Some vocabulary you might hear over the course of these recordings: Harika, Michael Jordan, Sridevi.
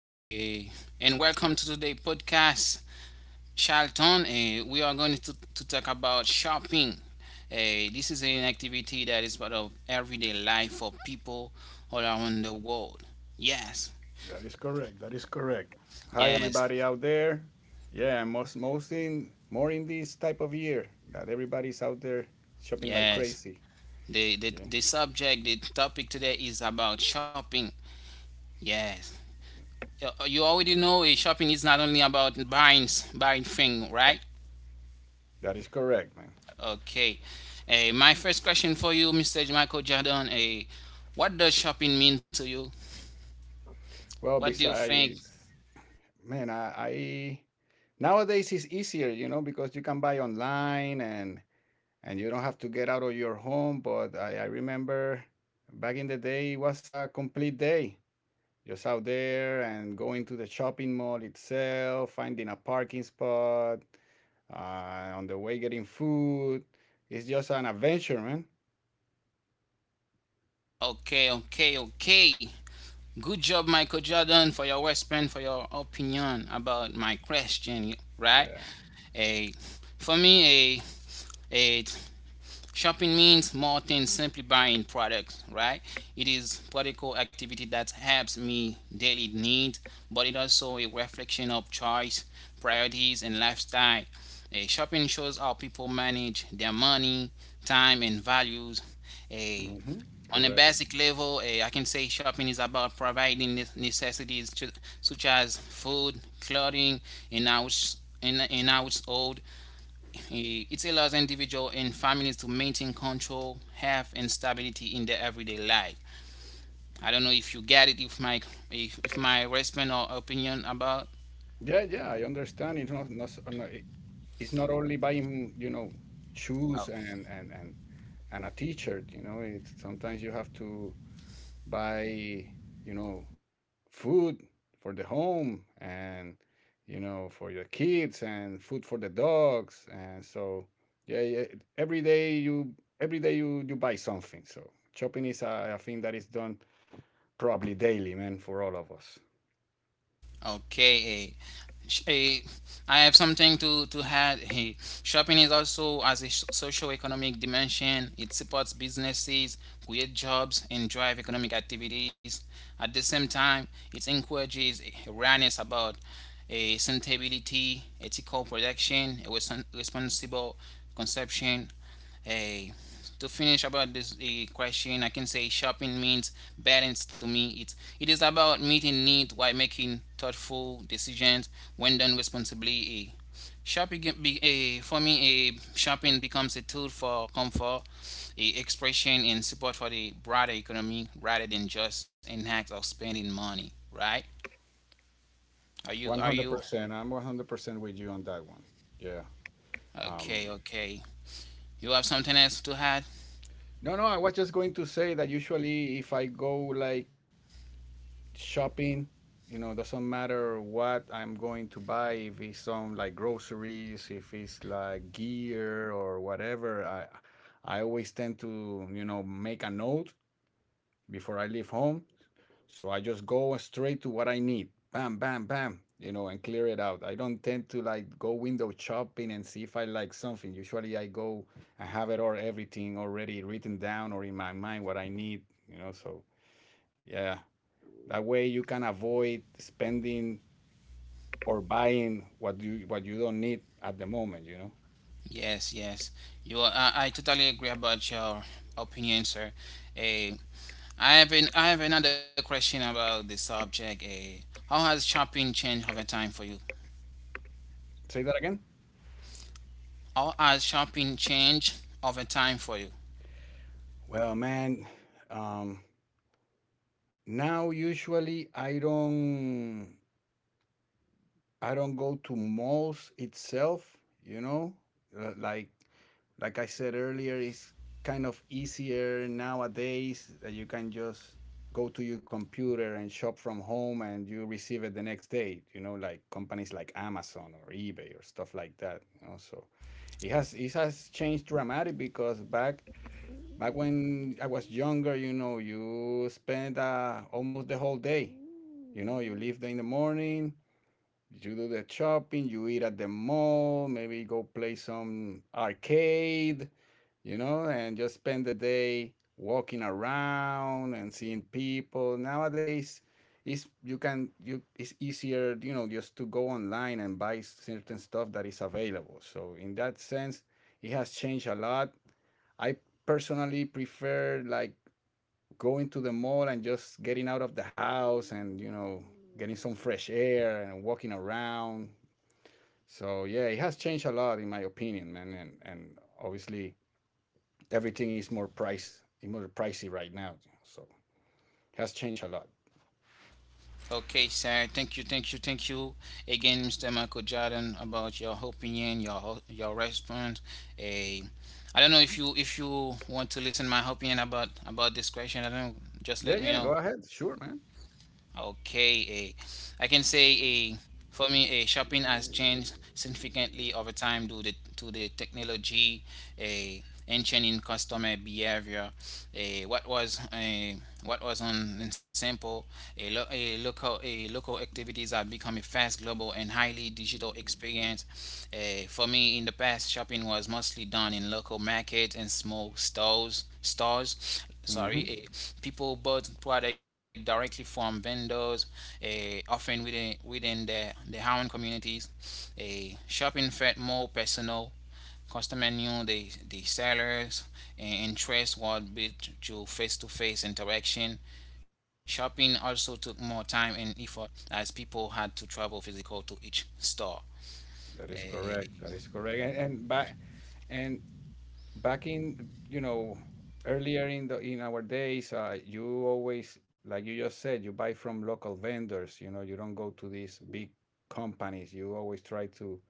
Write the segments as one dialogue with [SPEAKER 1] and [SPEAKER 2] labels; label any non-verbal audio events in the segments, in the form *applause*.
[SPEAKER 1] eh, and welcome to today's podcast. Charlton, we are going to talk about shopping. This is an activity that is part of everyday life for people all around the world. Yes,
[SPEAKER 2] That is correct. That is correct. Hi,
[SPEAKER 1] yes,
[SPEAKER 2] everybody out there. Yeah, most in more in this type of year that everybody's out there shopping like
[SPEAKER 1] yes.
[SPEAKER 2] crazy.
[SPEAKER 1] The, the,
[SPEAKER 2] Yeah,
[SPEAKER 1] the subject, the topic today is about shopping. Yes. You already know shopping is not only about buying, buying things, right?
[SPEAKER 2] that is correct, man.
[SPEAKER 1] Okay. My first question for you, Mr. Michael Jordan. What does shopping mean to you?
[SPEAKER 2] Well,
[SPEAKER 1] What do you think?
[SPEAKER 2] besides, man, I nowadays it's easier, you know, because you can buy online and you don't have to get out of your home. But I remember back in the day, it was a complete day. Just out there and going to the shopping mall itself, finding a parking spot, on the way getting food. It's just an adventure, man.
[SPEAKER 1] Okay, okay, okay. Good job, Michael Jordan, for your response, for your opinion about my question, right?
[SPEAKER 2] Yeah.
[SPEAKER 1] Eh, for me, eh, shopping means more than simply buying products, right? It is practical activity that helps me daily needs, but it also a reflection of choice, priorities, and lifestyle. Shopping shows how people manage their money, time, and values. Eh,
[SPEAKER 2] Hmm.
[SPEAKER 1] on a
[SPEAKER 2] Correct.
[SPEAKER 1] basic level, I can say shopping is about providing necessities to, such as food, clothing, and house, in household. It allows individuals and families to maintain control, health, and stability in their everyday life. I don't know if you get it, if my if my response or opinion about.
[SPEAKER 2] Yeah, yeah, I understand. It's not, not, s- no, it- It's not only buying, you know,
[SPEAKER 1] Oh.
[SPEAKER 2] shoes and a t-shirt. You know, it's sometimes you have to buy, you know, food for the home and you know for your kids and food for the dogs and so yeah, yeah, every day you every day you buy something. So shopping is a thing that is done probably daily, man, for all of us.
[SPEAKER 1] Okay, sh- eh, I have something to add. Hey, shopping is also as a socio-economic dimension. It supports businesses, create jobs, and drive economic activities. At the same time, it encourages awareness about a sustainability, ethical production, a responsible consumption, to finish about this question, I can say shopping means balance to me. It is about meeting needs while making thoughtful decisions when done responsibly. Eh, Shopping can be, eh, for me, eh, Shopping becomes a tool for comfort, expression, and support for the broader economy rather than just an act of spending money. Right? Are you? Are you?
[SPEAKER 2] 100%. I'm 100% with you on that one. Yeah.
[SPEAKER 1] Okay.
[SPEAKER 2] um
[SPEAKER 1] Okay. You have something else to add?
[SPEAKER 2] no, no, I was just going to say that usually if I go like shopping, you know, it doesn't matter what I'm going to buy, if it's some like groceries, if it's like gear or whatever, I always tend to, you know, make a note before I leave home. So I just go straight to what I need, bam bam bam, you know, and clear it out. I don't tend to like go window shopping and see if I like something. Usually I go and have it or everything already written down or in my mind what I need, you know. So yeah, that way you can avoid spending or buying what you don't need at the moment,
[SPEAKER 1] Yes, yes. You are, I totally agree about your opinion, sir. Eh, I have an, I have another question about the subject. How has shopping changed over time for you?
[SPEAKER 2] Say that again.
[SPEAKER 1] How has shopping changed over time for you?
[SPEAKER 2] Well, man, um, now usually I don't go to malls itself, you know? Uh, Like like I said earlier, it's kind of easier nowadays that you can just go to your computer and shop from home and you receive it the next day, you know, like companies like Amazon or eBay or stuff like that, you know? So it has changed dramatically because back when I was younger, you know, you spend almost the whole day. You know, you leave in the morning, you do the shopping, you eat at the mall, maybe go play some arcade, you know, and just spend the day walking around and seeing people. Nowadays, it's easier, you know, just to go online and buy certain stuff that is available. So in that sense, it has changed a lot. I personally prefer like going to the mall and just getting out of the house and you know getting some fresh air and walking around. So yeah, it has changed a lot in my opinion, man. And obviously everything is more pricey right now. So it has changed a lot.
[SPEAKER 1] Okay, sir. Thank you, thank you, thank you again, Mr. Michael Jordan, about your opinion, your response. Eh, I don't know if you want to listen my opinion about this question. I don't know. Just
[SPEAKER 2] Yeah,
[SPEAKER 1] let me
[SPEAKER 2] yeah, go
[SPEAKER 1] know.
[SPEAKER 2] ahead. Sure, man.
[SPEAKER 1] Okay, I can say a for me a shopping has changed significantly over time due to the technology, a and changing customer behavior. A what was a What was on in simple a local a local activities have become a fast global and highly digital experience. For me in the past shopping was mostly done in local markets and small stores stores sorry
[SPEAKER 2] Hmm.
[SPEAKER 1] people bought product directly from vendors, often within their own communities. A Shopping felt more personal. Customer knew the sellers and interest was built through face-to-face interaction. Shopping also took more time and effort as people had to travel physical to each store.
[SPEAKER 2] That is correct.
[SPEAKER 1] eh,
[SPEAKER 2] That is correct. And back in you know earlier in the in our days, you always like you just said, you buy from local vendors. You know, you don't go to these big companies. You always try to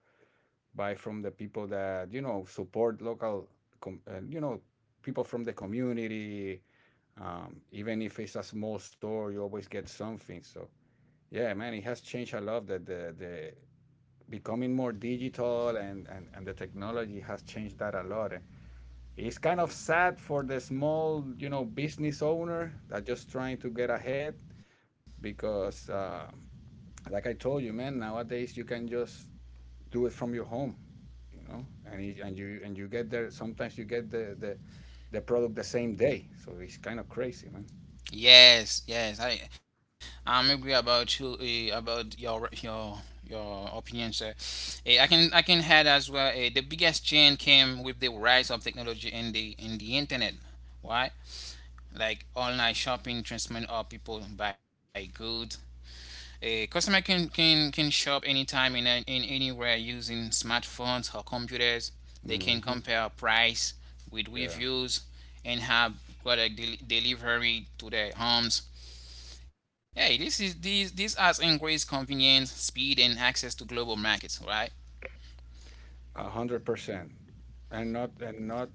[SPEAKER 2] buy from the people that you know, support local, you know, people from the community. Even if it's a small store, you always get something. So yeah, man, it has changed a lot. That the Becoming more digital, and the technology has changed that a lot. And it's kind of sad for the small, you know, business owner that just trying to get ahead because, like I told you, man, nowadays you can just do it from your home, you know, and you get there. Sometimes you get the product the same day, so it's kind of crazy, man.
[SPEAKER 1] Yes, yes. I'm agree about you about your your opinion, sir. I can add as well. The biggest change came with the rise of technology and the internet. Why? Like online shopping, transforming our people buy goods. A customer can shop anytime and in anywhere using smartphones or computers. They can
[SPEAKER 2] Hmm.
[SPEAKER 1] compare price with
[SPEAKER 2] Yeah,
[SPEAKER 1] reviews and have product delivery to their homes. Hey, this is this this has increased convenience, speed, and access to global markets. Right?
[SPEAKER 2] 100%. and not and not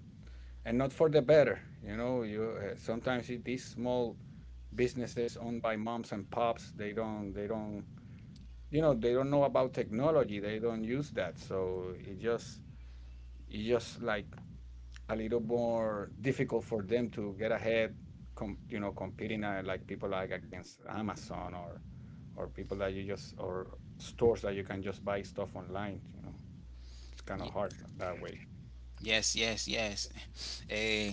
[SPEAKER 2] and not for the better, you know. You Sometimes it, these small businesses owned by moms and pops, they don't you know, they don't know about technology, they don't use that, so it just, it just like a little more difficult for them to get ahead, you know, competing like people like against Amazon or people that you just or stores that you can just buy stuff online. You know, it's kind
[SPEAKER 1] Ye-
[SPEAKER 2] of hard that way.
[SPEAKER 1] Yes, yes, yes. *laughs* Eh,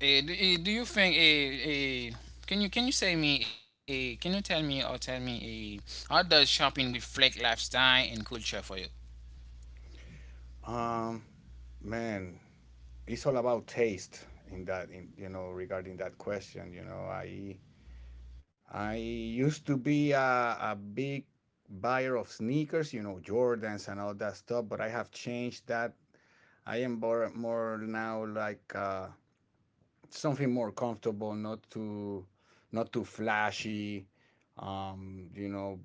[SPEAKER 1] Eh, do you think eh, eh, can you say me eh, can you tell me or Tell me how does shopping reflect lifestyle and culture for you?
[SPEAKER 2] Um, man, it's all about taste in that in you know, regarding that question. You know, I used to be a big buyer of sneakers, you know, Jordans and all that stuff, but I have changed that. I am more now like something more comfortable, not not too flashy. You know,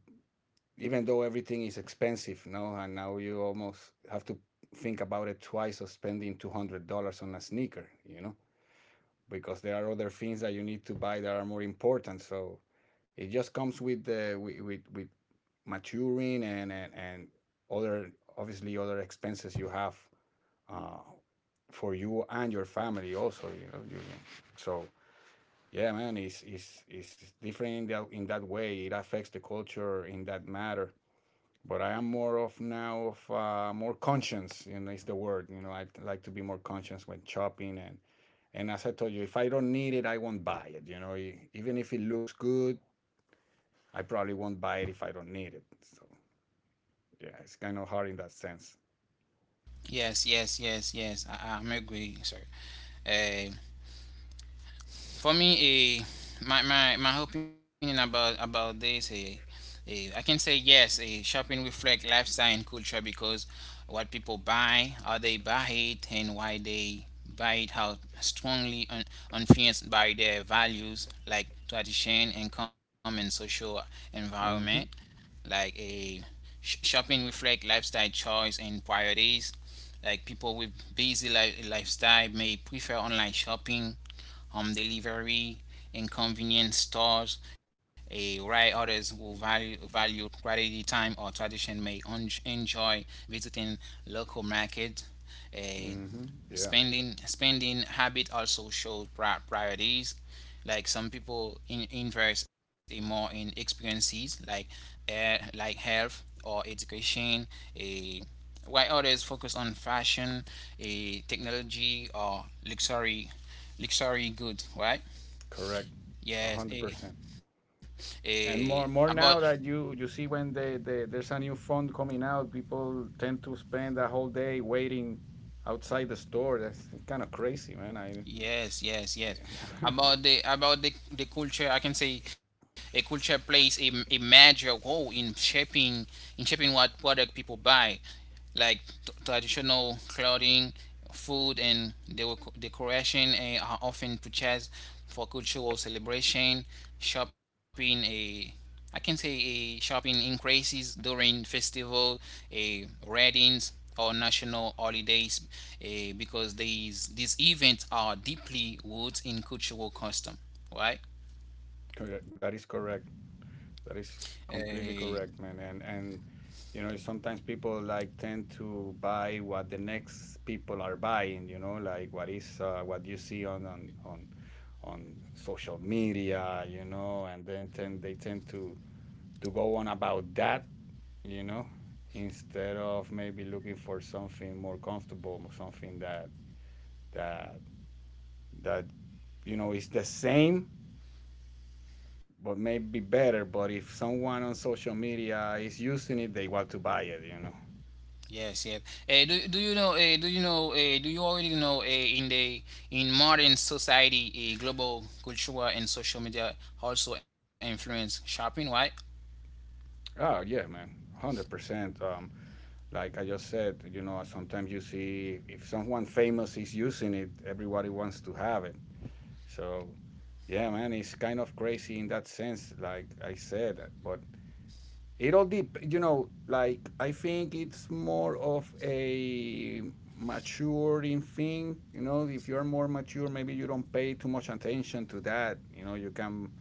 [SPEAKER 2] even though everything is expensive, no, and now you almost have to think about it twice of spending $200 on a sneaker, you know, because there are other things that you need to buy that are more important. So it just comes with the with maturing, and other, obviously other expenses you have uh, for you and your family also, you know. So yeah, man, it's different in that way. It affects the culture in that matter, but I am more of now of more conscious, you know, is the word. You know, I like to be more conscious when shopping. And as I told you, if I don't need it, I won't buy it, you know. Even if it looks good, I probably won't buy it if I don't need it. So yeah, it's kind of hard in that sense.
[SPEAKER 1] Yes, yes, yes, yes. I'm agree, sir. For me, my opinion about this, a I can say yes. A Shopping reflect lifestyle and culture because what people buy, how they buy it, and why they buy it, how strongly influenced by their values like tradition, income, and social environment.
[SPEAKER 2] Mm-hmm.
[SPEAKER 1] like a Shopping reflect lifestyle choice and priorities. Like people with lifestyle may prefer online shopping, home delivery, and convenience stores. A While others will value quality time or tradition may enjoy visiting local market.
[SPEAKER 2] Mm-hmm. Yeah.
[SPEAKER 1] Spending habit also shows priorities. Like some people invest in more in experiences like health or education, a while others focus on fashion, a technology or luxury good, right?
[SPEAKER 2] Correct.
[SPEAKER 1] yes a,
[SPEAKER 2] 100%.
[SPEAKER 1] a
[SPEAKER 2] And more
[SPEAKER 1] about
[SPEAKER 2] more now that you see when there's a new phone coming out, people tend to spend a whole day waiting outside the store. That's kind of crazy, man. I.
[SPEAKER 1] Yes, yes, yes.
[SPEAKER 2] *laughs*
[SPEAKER 1] About the culture, I can say a culture plays a major role in shaping what product people buy, like traditional clothing, food, and decoration. Are often purchased for cultural celebration, shopping. I can say a shopping increases during festival, a weddings or national holidays, because these events are deeply rooted in cultural custom, right?
[SPEAKER 2] correct. That is correct. That is
[SPEAKER 1] Eh,
[SPEAKER 2] completely correct, man. And you know sometimes people like tend to buy what the next people are buying. You know, like what is what you see on social media. You know, and they tend to go on about that, you know, instead of maybe looking for something more comfortable, something that that you know is the same but maybe better. But if someone on social media is using it, they want to buy it, you know.
[SPEAKER 1] yes, yes. Eh, do, do you know? Eh, do you know? Eh, Do you already know? In the in modern society, a global cultural and social media also influence shopping, right?
[SPEAKER 2] Oh yeah, man, 100%. Like I just said, you know, sometimes you see if someone famous is using it, everybody wants to have it. So, yeah, man, it's kind of crazy in that sense. Like I said, but It all dep you know, like I think it's more of a maturing thing. You know, if you're more mature, maybe you don't pay too much attention to that. You know, you can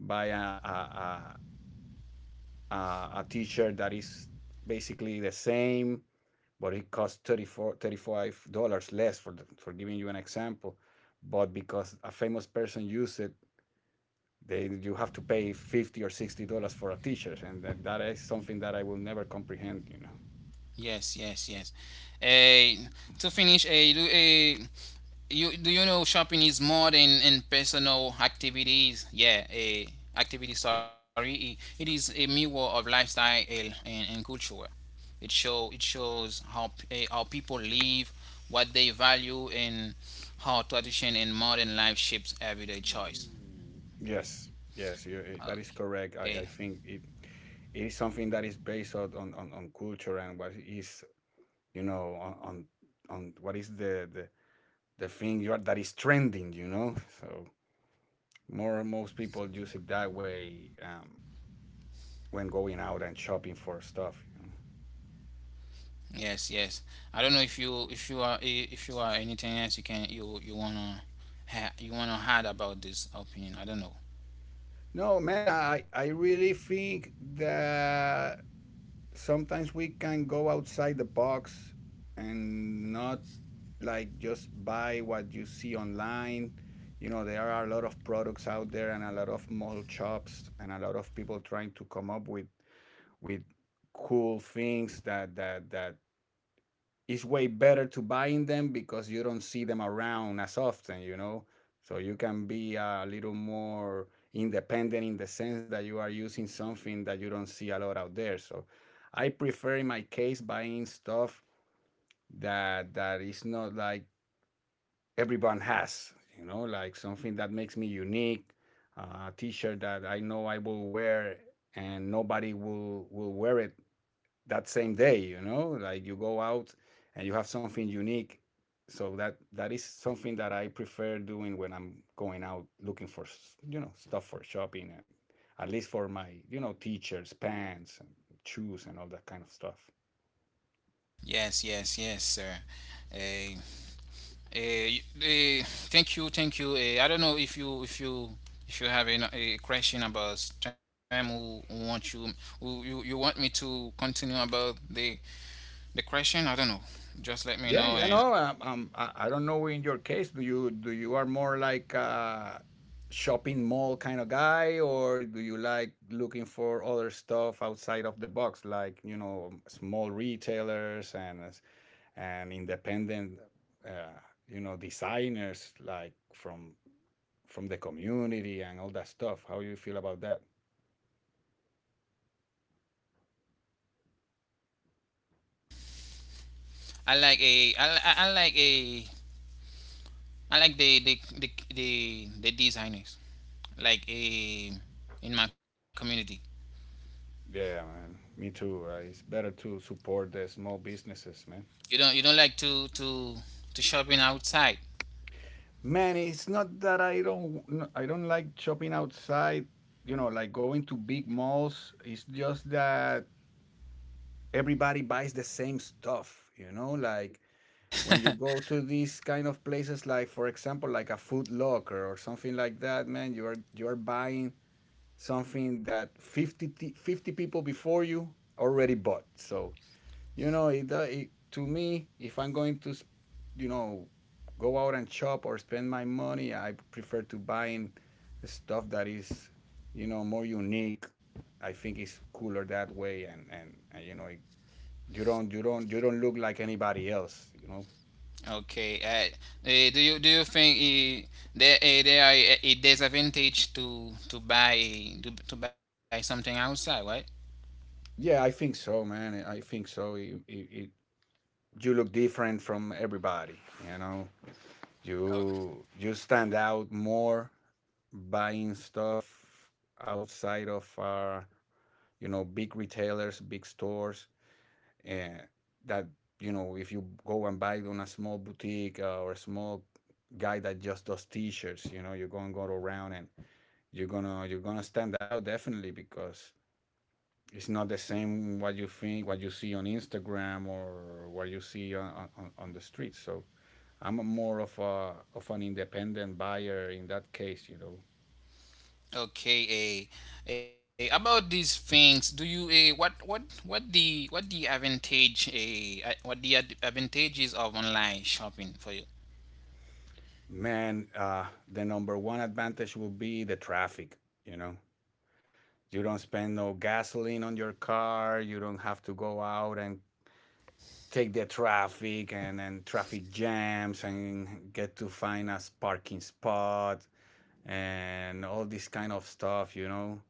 [SPEAKER 2] buy a, a, a t-shirt that is basically the same, but it costs 34, $35 less, for giving you an example. But because a famous person used it, they you have to pay 50 or $60 for a t-shirt. And that is something that I will never comprehend, you know.
[SPEAKER 1] Yes, yes, yes. Eh, to finish, do you know shopping is more than in personal activities? Yeah, activity. Sorry, it is a mirror of lifestyle and culture. It shows how how people live, what they value, and how tradition and modern life shapes everyday choice.
[SPEAKER 2] Yes, yes, that is
[SPEAKER 1] Okay.
[SPEAKER 2] correct. I think it is something that is based on, on culture and what is, you know, on what is the thing you are, that is trending, you know? So more, most people use it that way. When going out and shopping for stuff, you know?
[SPEAKER 1] Yes, yes. I don't know
[SPEAKER 2] Yeah.
[SPEAKER 1] if you are if you are anything else you can you you wanna you wanna add about this opinion. I don't know.
[SPEAKER 2] No, man, I really think that sometimes we can go outside the box and not like just buy what you see online. You know, there are a lot of products out there and a lot of model shops and a lot of people trying to come up with cool things that it's way better to buying them because you don't see them around as often, you know. So you can be a little more independent in the sense that you are using something that you don't see a lot out there. So I prefer in my case buying stuff that is not like everyone has, you know, like something that makes me unique, a t-shirt that I know I will wear and nobody will wear it that same day, you know, like you go out and you have something unique. So that is something that I prefer doing when I'm going out looking for you know, stuff for shopping and at least for my, you know, teachers pants and shoes and all that kind of stuff.
[SPEAKER 1] Yes, yes, yes, sir. Eh, eh, eh, Thank you, thank you. I don't know if you have a question about time who want you who you, you want me to continue about the question. I don't know. Just let me know
[SPEAKER 2] Yeah,
[SPEAKER 1] and
[SPEAKER 2] you know, I don't know, in your case, do you are more like a shopping mall kind of guy, or do you like looking for other stuff outside of the box, like, you know, small retailers and independent, uh, you know, designers like from the community and all that stuff? How you feel about that?
[SPEAKER 1] I like a I like the designers. Like a In my community.
[SPEAKER 2] Yeah, man. Me too. It's better to support the small businesses, man.
[SPEAKER 1] You don't like to shopping outside.
[SPEAKER 2] Man, it's not that I don't, no, I don't like shopping outside. You know, like going to big malls. It's just that everybody buys the same stuff. You know, like when you go to these kind of places, like for example like a food locker or something like that, man, you are buying something that fifty people before you already bought. So you know it, it, to me, if I'm going to, you know, go out and shop or spend my money, I prefer to buying stuff that is, you know, more unique. I think it's cooler that way. And you know it, you don't look like anybody else, you know.
[SPEAKER 1] Okay. Do you do you think there are a disadvantage to buy something outside, right?
[SPEAKER 2] Yeah, I think so, man. I think so. You look different from everybody. You know,
[SPEAKER 1] Oh,
[SPEAKER 2] you stand out more buying stuff outside of our, you know, big retailers, big stores, and that, you know, if you go and buy on a small boutique, or a small guy that just does t-shirts, you know, you're gonna go around and you're gonna stand out, definitely, because it's not the same what you think, what you see on Instagram or what you see on the streets. So I'm a more of a of an independent buyer in that case, you know.
[SPEAKER 1] okay. About these things, do you what what the advantages of online shopping for you?
[SPEAKER 2] Man, the number one advantage will be the traffic, you know. You don't spend no gasoline on your car, you don't have to go out and take the traffic and then traffic jams and get to find a parking spot and all this kind of stuff, you know.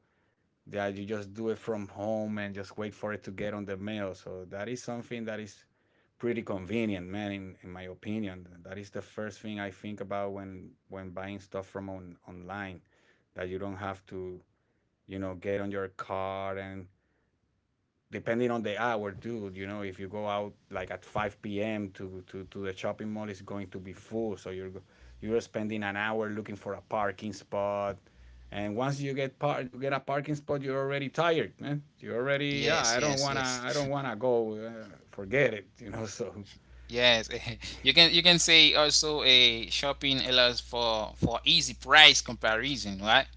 [SPEAKER 2] That you just do it from home and just wait for it to get on the mail. So that is something that is pretty convenient, man. In my opinion, that is the first thing I think about when buying stuff from on, online, that you don't have to, you know, get on your car and, depending on the hour, dude, you know, if you go out like at 5 p.m. To the shopping mall, it's going to be full. So you're spending an hour looking for a parking spot. And once you get part, you get a parking spot, you're already tired, man. You're
[SPEAKER 1] Yes,
[SPEAKER 2] already. Yeah,
[SPEAKER 1] yes, yes.
[SPEAKER 2] I don't wanna go. Forget it. You know. *laughs* So
[SPEAKER 1] Yes, *laughs* you can say also a shopping allows for easy price comparison, right?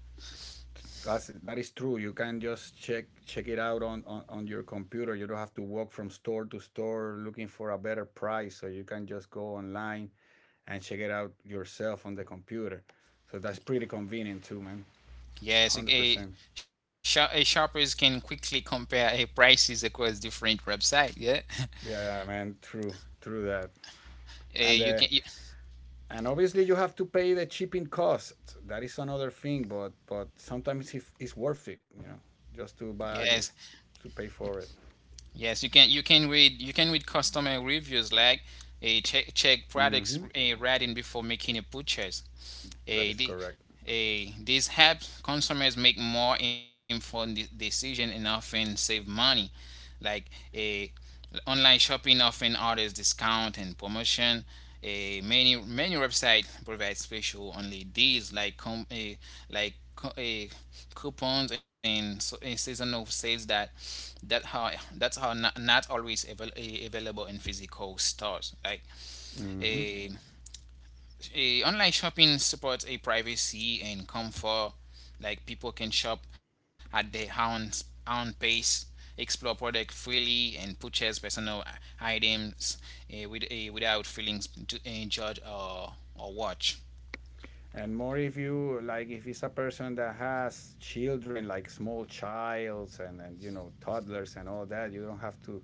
[SPEAKER 2] that's, that is true. You can just check it out on your computer. You don't have to walk from store to store looking for a better price. So you can just go online and check it out yourself on the computer. So that's pretty convenient too, man.
[SPEAKER 1] Yes,
[SPEAKER 2] 100%.
[SPEAKER 1] shop, a shoppers can quickly compare a prices across different websites. Yeah,
[SPEAKER 2] Yeah, man, true, true that.
[SPEAKER 1] *laughs* uh, you
[SPEAKER 2] And
[SPEAKER 1] can
[SPEAKER 2] uh,
[SPEAKER 1] you,
[SPEAKER 2] and obviously you have to pay the shipping costs. That is another thing, but sometimes if it's worth it, you know, just to
[SPEAKER 1] yes
[SPEAKER 2] buy you to pay for it.
[SPEAKER 1] yes you can read customer reviews like a check check products
[SPEAKER 2] Mm-hmm.
[SPEAKER 1] a rating before making a purchase. Eh,
[SPEAKER 2] That is
[SPEAKER 1] the,
[SPEAKER 2] correct.
[SPEAKER 1] this helps consumers make more informed decision and often save money. Like eh, online shopping often orders discount and promotion. Many websites provide special only deals like coupons and seasonal sales that how that's how not, not always available in physical stores. Like
[SPEAKER 2] Mm-hmm.
[SPEAKER 1] eh, online shopping supports a privacy and comfort. Like people can shop at their own pace, explore product freely, and purchase personal items with, without feelings to judge or watch.
[SPEAKER 2] And more if you like, if it's a person that has children, like small childs and you know, toddlers and all that, you don't have to,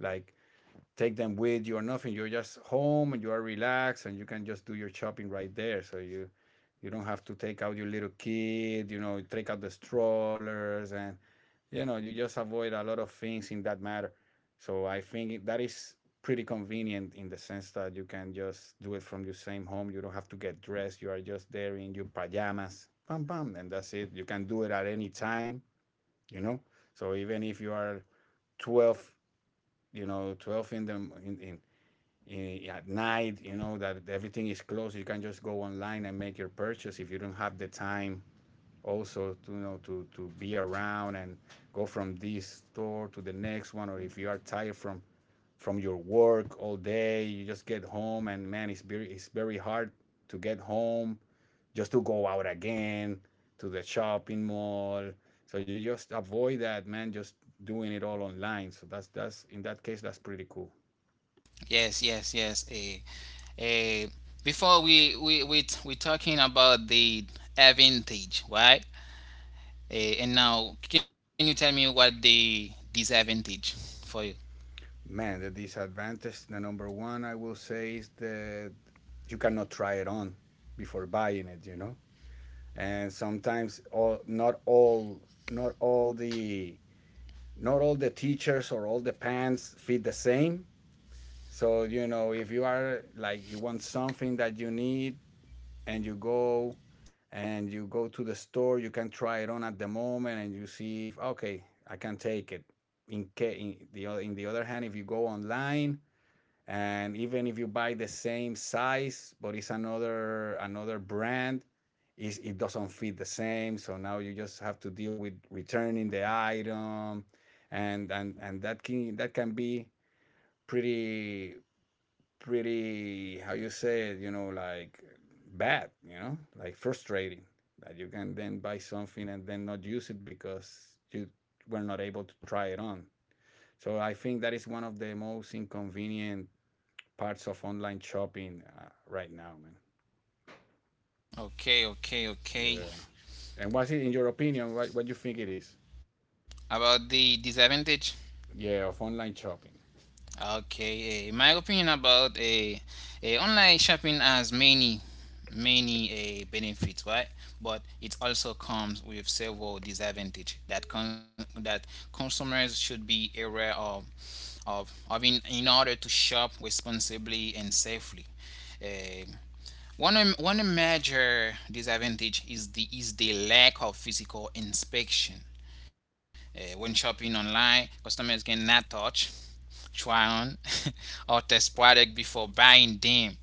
[SPEAKER 2] like, take them with you or nothing. You're just home and you are relaxed and you can just do your shopping right there. So you don't have to take out your little kid, you know, take out the strollers and, you know, you just avoid a lot of things in that matter. So I think that is pretty convenient in the sense that you can just do it from your same home. You don't have to get dressed. You are just there in your pajamas. Bam bam and that's it. You can do it at any time, you know. So even if you are 12, you know, 12 in the in at night, you know, that everything is closed, you can just go online and make your purchase. If you don't have the time also to, you know, to be around and go from this store to the next one, or if you are tired from your work all day, you just get home and, man, it's very hard to get home just to go out again to the shopping mall, so you just avoid that, man, just doing it all online. So that's, in that case, that's pretty cool.
[SPEAKER 1] Yes, yes, yes. Eh, Before we talking about the advantage, right? And now, can you tell me what the disadvantage for you?
[SPEAKER 2] Man, the disadvantage, the number one I will say is that you cannot try it on before buying it, you know? And sometimes all not all not all the not all the teachers or all the pants fit the same. So, you know, if you are like you want something that you need, and you go to the store, you can try it on at the moment and you see, if okay, I can take it. In, ca- in the o- in the other hand, if you go online and even if you buy the same size but it's another brand, is it doesn't fit the same. So now you just have to deal with returning the item, and that can be pretty, how you say it, you know, like, bad, you know, like frustrating, that you can then buy something and then not use it because you were not able to try it on. So I think that is one of the most inconvenient parts of online shopping, right now, man.
[SPEAKER 1] Okay, okay,
[SPEAKER 2] Yeah.
[SPEAKER 1] okay.
[SPEAKER 2] And what's it, in your opinion, what you think it is?
[SPEAKER 1] About the disadvantage?
[SPEAKER 2] Yeah, of online shopping.
[SPEAKER 1] Okay, my opinion about a online shopping has many, many benefits, right? But it also comes with several disadvantages that that consumers should be aware of, of in order to shop responsibly and safely. Eh, one major disadvantage is the lack of physical inspection. When shopping online, customers cannot touch, try on *laughs* or test product before buying them.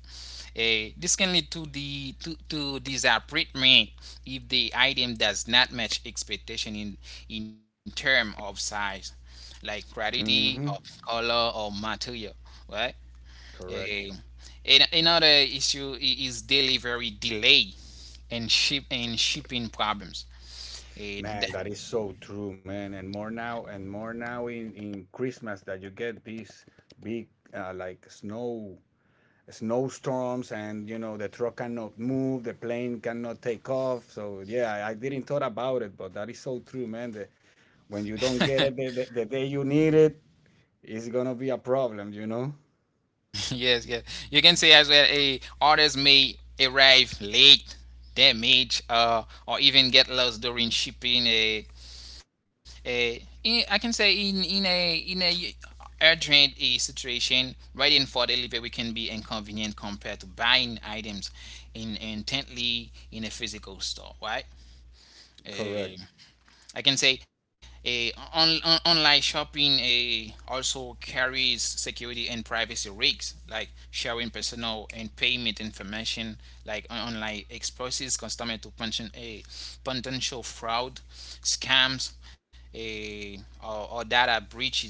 [SPEAKER 1] This can lead to to disappointment if the item does not match expectation in term of size, like quality or
[SPEAKER 2] Mm-hmm.
[SPEAKER 1] color or material, right? Eh,
[SPEAKER 2] Correct.
[SPEAKER 1] Another issue is delivery delay and shipping problems. Uh, the,
[SPEAKER 2] Man, that is so true, man. And more now in Christmas, that you get these big, like snow, snowstorms, and you know, the truck cannot move, the plane cannot take off. So yeah, I didn't thought about it, but that is so true, man. The When you don't get it the day you need it, it's gonna be a problem, you know?
[SPEAKER 1] *laughs* yes, yes. You can say as well a orders may arrive late, damage, or even get lost during shipping. I can say in a urgent a situation, waiting for delivery can be inconvenient compared to buying items in intently in a physical store, right? Eh,
[SPEAKER 2] Correct.
[SPEAKER 1] I can say a on, online shopping a also carries security and privacy risks like sharing personal and payment information like online exposes customer to potential a potential fraud, scams, a or data breaches,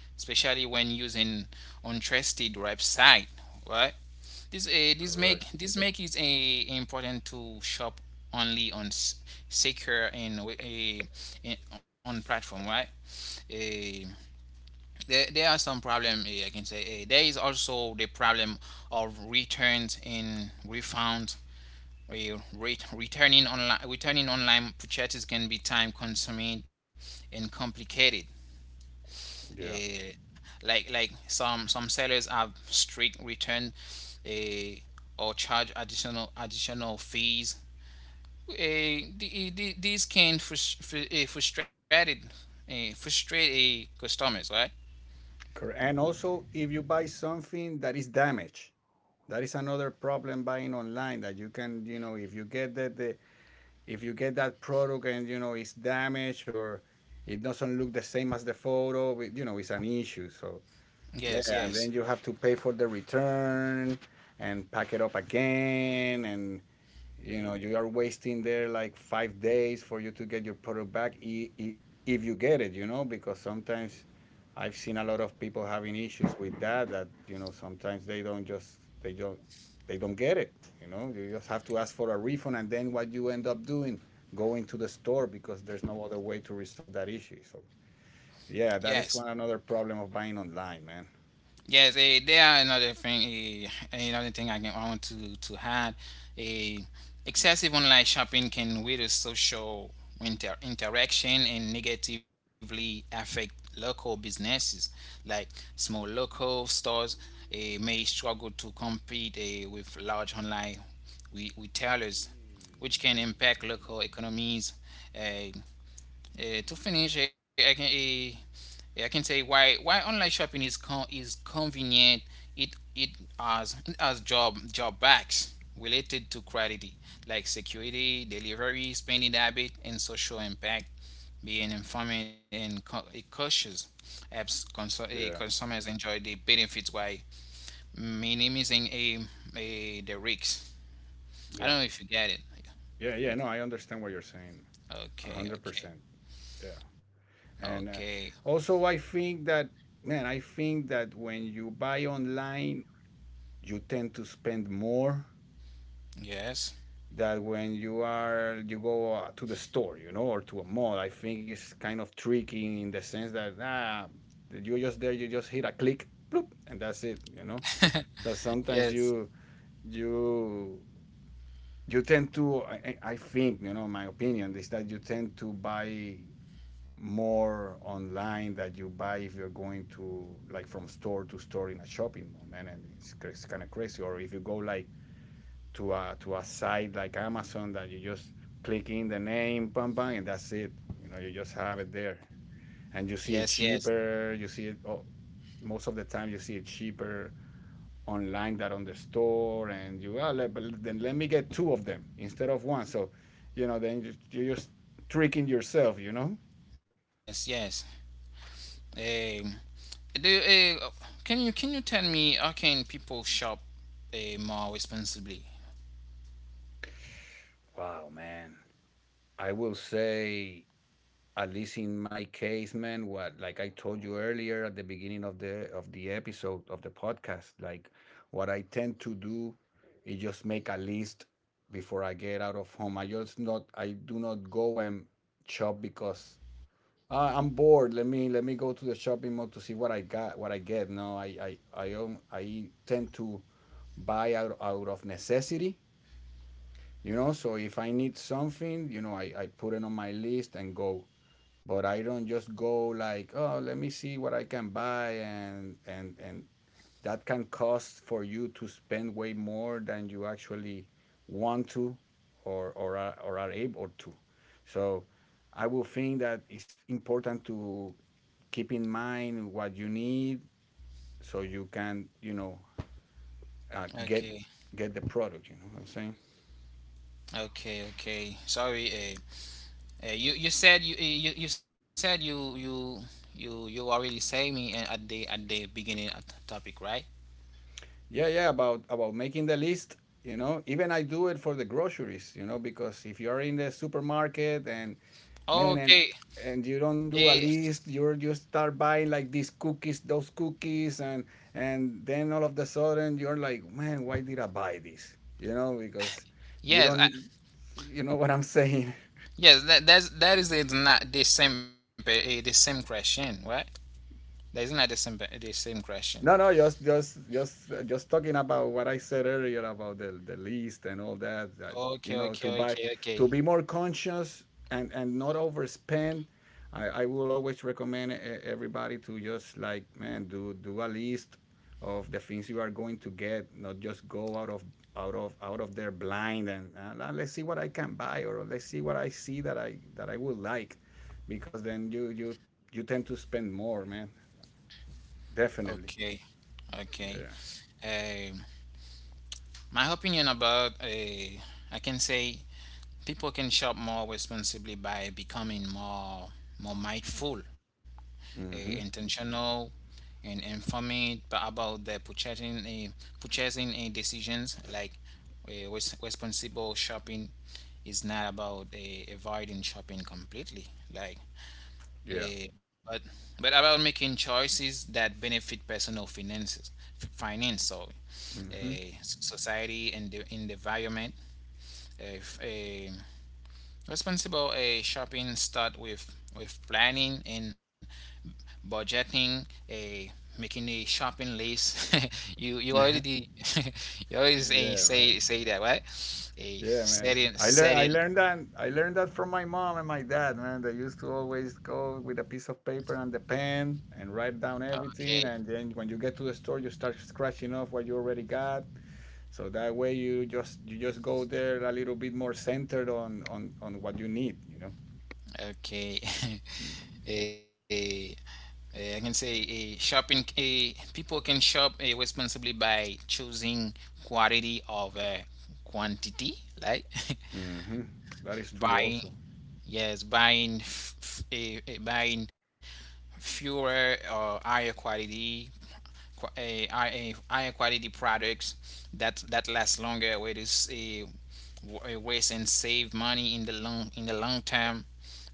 [SPEAKER 1] especially when using untrusted website, right? This
[SPEAKER 2] Correct.
[SPEAKER 1] this make is a important to shop only on secure and a on platform, right? Eh, there are some problem. I can say. There is also the problem of returns and refunds. Returning online purchases can be time consuming and complicated,
[SPEAKER 2] Yeah.
[SPEAKER 1] uh, like some some sellers have strict return uh, or charge additional fees. Uh, these can frustrate a customers, right?
[SPEAKER 2] Correct. And also, if you buy something that is damaged, that is another problem buying online, that you can, you know, if you get that the if you get that product and you know it's damaged or it doesn't look the same as the photo, it- you know, it's an issue. So yeah, and
[SPEAKER 1] Yes,
[SPEAKER 2] then you have
[SPEAKER 1] yes,
[SPEAKER 2] to pay for the return and pack it up again, and you know, you are wasting there like 5 days for you to get your product back. If you get it, you know, because sometimes I've seen a lot of people having issues with that, that, you know, sometimes they don't, get it, you know. You just have to ask for a refund, and then what you end up doing, going to the store, because there's no other way to resolve that issue. So yeah, that
[SPEAKER 1] yes.
[SPEAKER 2] is one another problem of buying online, man.
[SPEAKER 1] Yes, there are another thing I want to add. Eh, Excessive online shopping can weaken social interaction and negatively affect local businesses. Like small local stores may struggle to compete with large online retailers, which can impact local economies. Eh, eh, to finish, eh, I can. Eh, yeah, I can say why online shopping is is convenient. It has job job backs related to quality like security, delivery, spending habit, and social impact. Being informed and cautious helps
[SPEAKER 2] Yeah
[SPEAKER 1] consumers enjoy the benefits while minimizing a the risks. I
[SPEAKER 2] yeah.
[SPEAKER 1] don't know if you get it. It-
[SPEAKER 2] Yeah, no, I understand what you're saying.
[SPEAKER 1] Okay,
[SPEAKER 2] 100%.
[SPEAKER 1] okay,
[SPEAKER 2] Yeah. And
[SPEAKER 1] okay.
[SPEAKER 2] also, I think that, man, I think that when you buy online, you tend to spend more
[SPEAKER 1] Yes,
[SPEAKER 2] than when you are you go to the store, you know, or to a mall. I think it's kind of tricky in the sense that that you're just there, you just hit a click, bloop, and that's it, you know. So sometimes
[SPEAKER 1] Yes.
[SPEAKER 2] you you tend to, I think, you know, my opinion is that you tend to buy more online that you buy if you're going to, like, from store to store in a shopping mall, man. And it's kind of crazy. Or if you go like to a site like Amazon, that you just click in the name, pam pam, and that's it. You know, you just have it there, and you
[SPEAKER 1] yes,
[SPEAKER 2] see it
[SPEAKER 1] yes,
[SPEAKER 2] cheaper. You see it. Oh, most of the time you see it cheaper online than on the store, and you but then let me get two of them instead of one. So you know, then you're just tricking yourself, you know.
[SPEAKER 1] yes, yes. Um, the, uh, can you tell me how can people shop more responsibly?
[SPEAKER 2] Wow, man. I will say, at least in my case, man, what, like I told you earlier at the beginning of the episode of the podcast, like, what I tend to do is just make a list before I get out of home. I do not go and shop because I'm bored. Let me go to the shopping mall to see what I got, what I get. No, I own, I tend to buy out of necessity, you know, so if I need something, you know, I put it on my list and go. But I don't just go like, oh, let me see what I can buy and that can cost for you to spend way more than you actually want to or are able to. So I will think that it's important to keep in mind what you need so you can, you know, uh, get
[SPEAKER 1] Okay,
[SPEAKER 2] get the product, you know what I'm saying?
[SPEAKER 1] okay, okay. Sorry, you you said you, you you said you you you you already say me at the beginning of the topic, right?
[SPEAKER 2] Yeah, yeah, about making the list, you know. Even I do it for the groceries, you know, because if you're in the supermarket and man
[SPEAKER 1] Okay.
[SPEAKER 2] and you
[SPEAKER 1] Uh,
[SPEAKER 2] don't do a list, you start buying like these cookies, those cookies and then all of the sudden you're like, "Man, why did I buy this?" You know, because you
[SPEAKER 1] yes, I,
[SPEAKER 2] don't, you know what I'm *laughs* saying.
[SPEAKER 1] yes. That is it's not the same the same question, right? That is not the same the same question.
[SPEAKER 2] No, no, just talking about what I said earlier about the list and all that, that
[SPEAKER 1] Okay,
[SPEAKER 2] you know, to
[SPEAKER 1] okay,
[SPEAKER 2] buy,
[SPEAKER 1] okay, okay,
[SPEAKER 2] to be more conscious and not overspend. I will always recommend everybody to just like, man, do a list of the things you are going to get, not just go out of out of out of their blind and, let's see what I can buy or let's see what I see that I would like, because then you you tend to spend more, man.
[SPEAKER 1] okay,
[SPEAKER 2] Definitely.
[SPEAKER 1] okay.
[SPEAKER 2] Yeah.
[SPEAKER 1] Uh, my opinion about, I can say people can shop more responsibly by becoming more mindful,
[SPEAKER 2] Mm-hmm.
[SPEAKER 1] intentional, and informed about their purchasing decisions. Like responsible shopping is not about avoiding shopping completely. Like
[SPEAKER 2] Yeah.
[SPEAKER 1] Eh, but but about making choices that benefit personal finances, finance, sorry,
[SPEAKER 2] Mm-hmm.
[SPEAKER 1] society and and the environment. Eh, f- eh, Responsible shopping start with planning and budgeting. Making a shopping list. *laughs* you
[SPEAKER 2] *laughs*
[SPEAKER 1] already *laughs* you already
[SPEAKER 2] Yeah, man.
[SPEAKER 1] say that, right?
[SPEAKER 2] Yeah,
[SPEAKER 1] A
[SPEAKER 2] man.
[SPEAKER 1] setting setting.
[SPEAKER 2] I learned that from my mom and my dad, man. They used to always go with a piece of paper and the pen and write down everything,
[SPEAKER 1] Okay.
[SPEAKER 2] and then when you get to the store you start scratching off what you already got. So that way you just go there a little bit more centered on what you need, you know.
[SPEAKER 1] Okay. *laughs* Eh, I can say a shopping. A people can shop responsibly by choosing quality of quantity, like
[SPEAKER 2] Mhm. That is
[SPEAKER 1] *laughs*
[SPEAKER 2] true also.
[SPEAKER 1] buying. Yes, buying, f- f- eh, eh, buying fewer or higher quality, higher quality products that last longer. Where it is a waste and save money in the long term.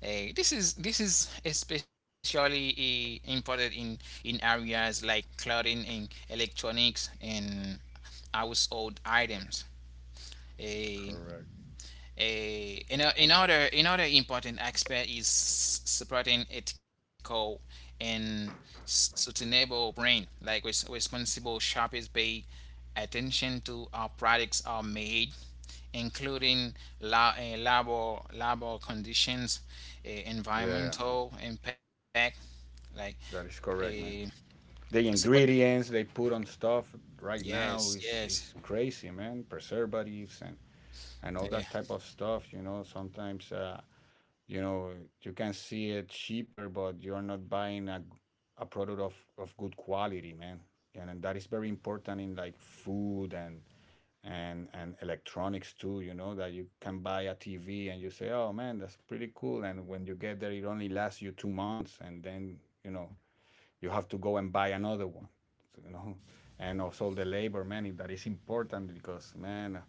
[SPEAKER 1] This is especially important in areas like clothing and electronics and household items. Uh,
[SPEAKER 2] Correct.
[SPEAKER 1] you know, another important aspect is supporting ethical and sustainable brand. Like responsible shoppers pay attention to how products are made, including labor conditions,
[SPEAKER 2] Yeah.
[SPEAKER 1] environmental impact, like
[SPEAKER 2] That is
[SPEAKER 1] a
[SPEAKER 2] correct, man. The
[SPEAKER 1] support.
[SPEAKER 2] ingredients they put on stuff right now
[SPEAKER 1] Yes, yes,
[SPEAKER 2] is crazy, man. Preservatives and all
[SPEAKER 1] eh,
[SPEAKER 2] that type of stuff. You know, sometimes, you know, you can see it cheaper, but you're not buying a product of good quality, man. And that is very important in like food and and electronics too. You know that you can buy a TV and you say, oh man, that's pretty cool. And when you get there, it only lasts you 2 months, and then you know you have to go and buy another one, you know. And also the labor, man, that is important, because, man,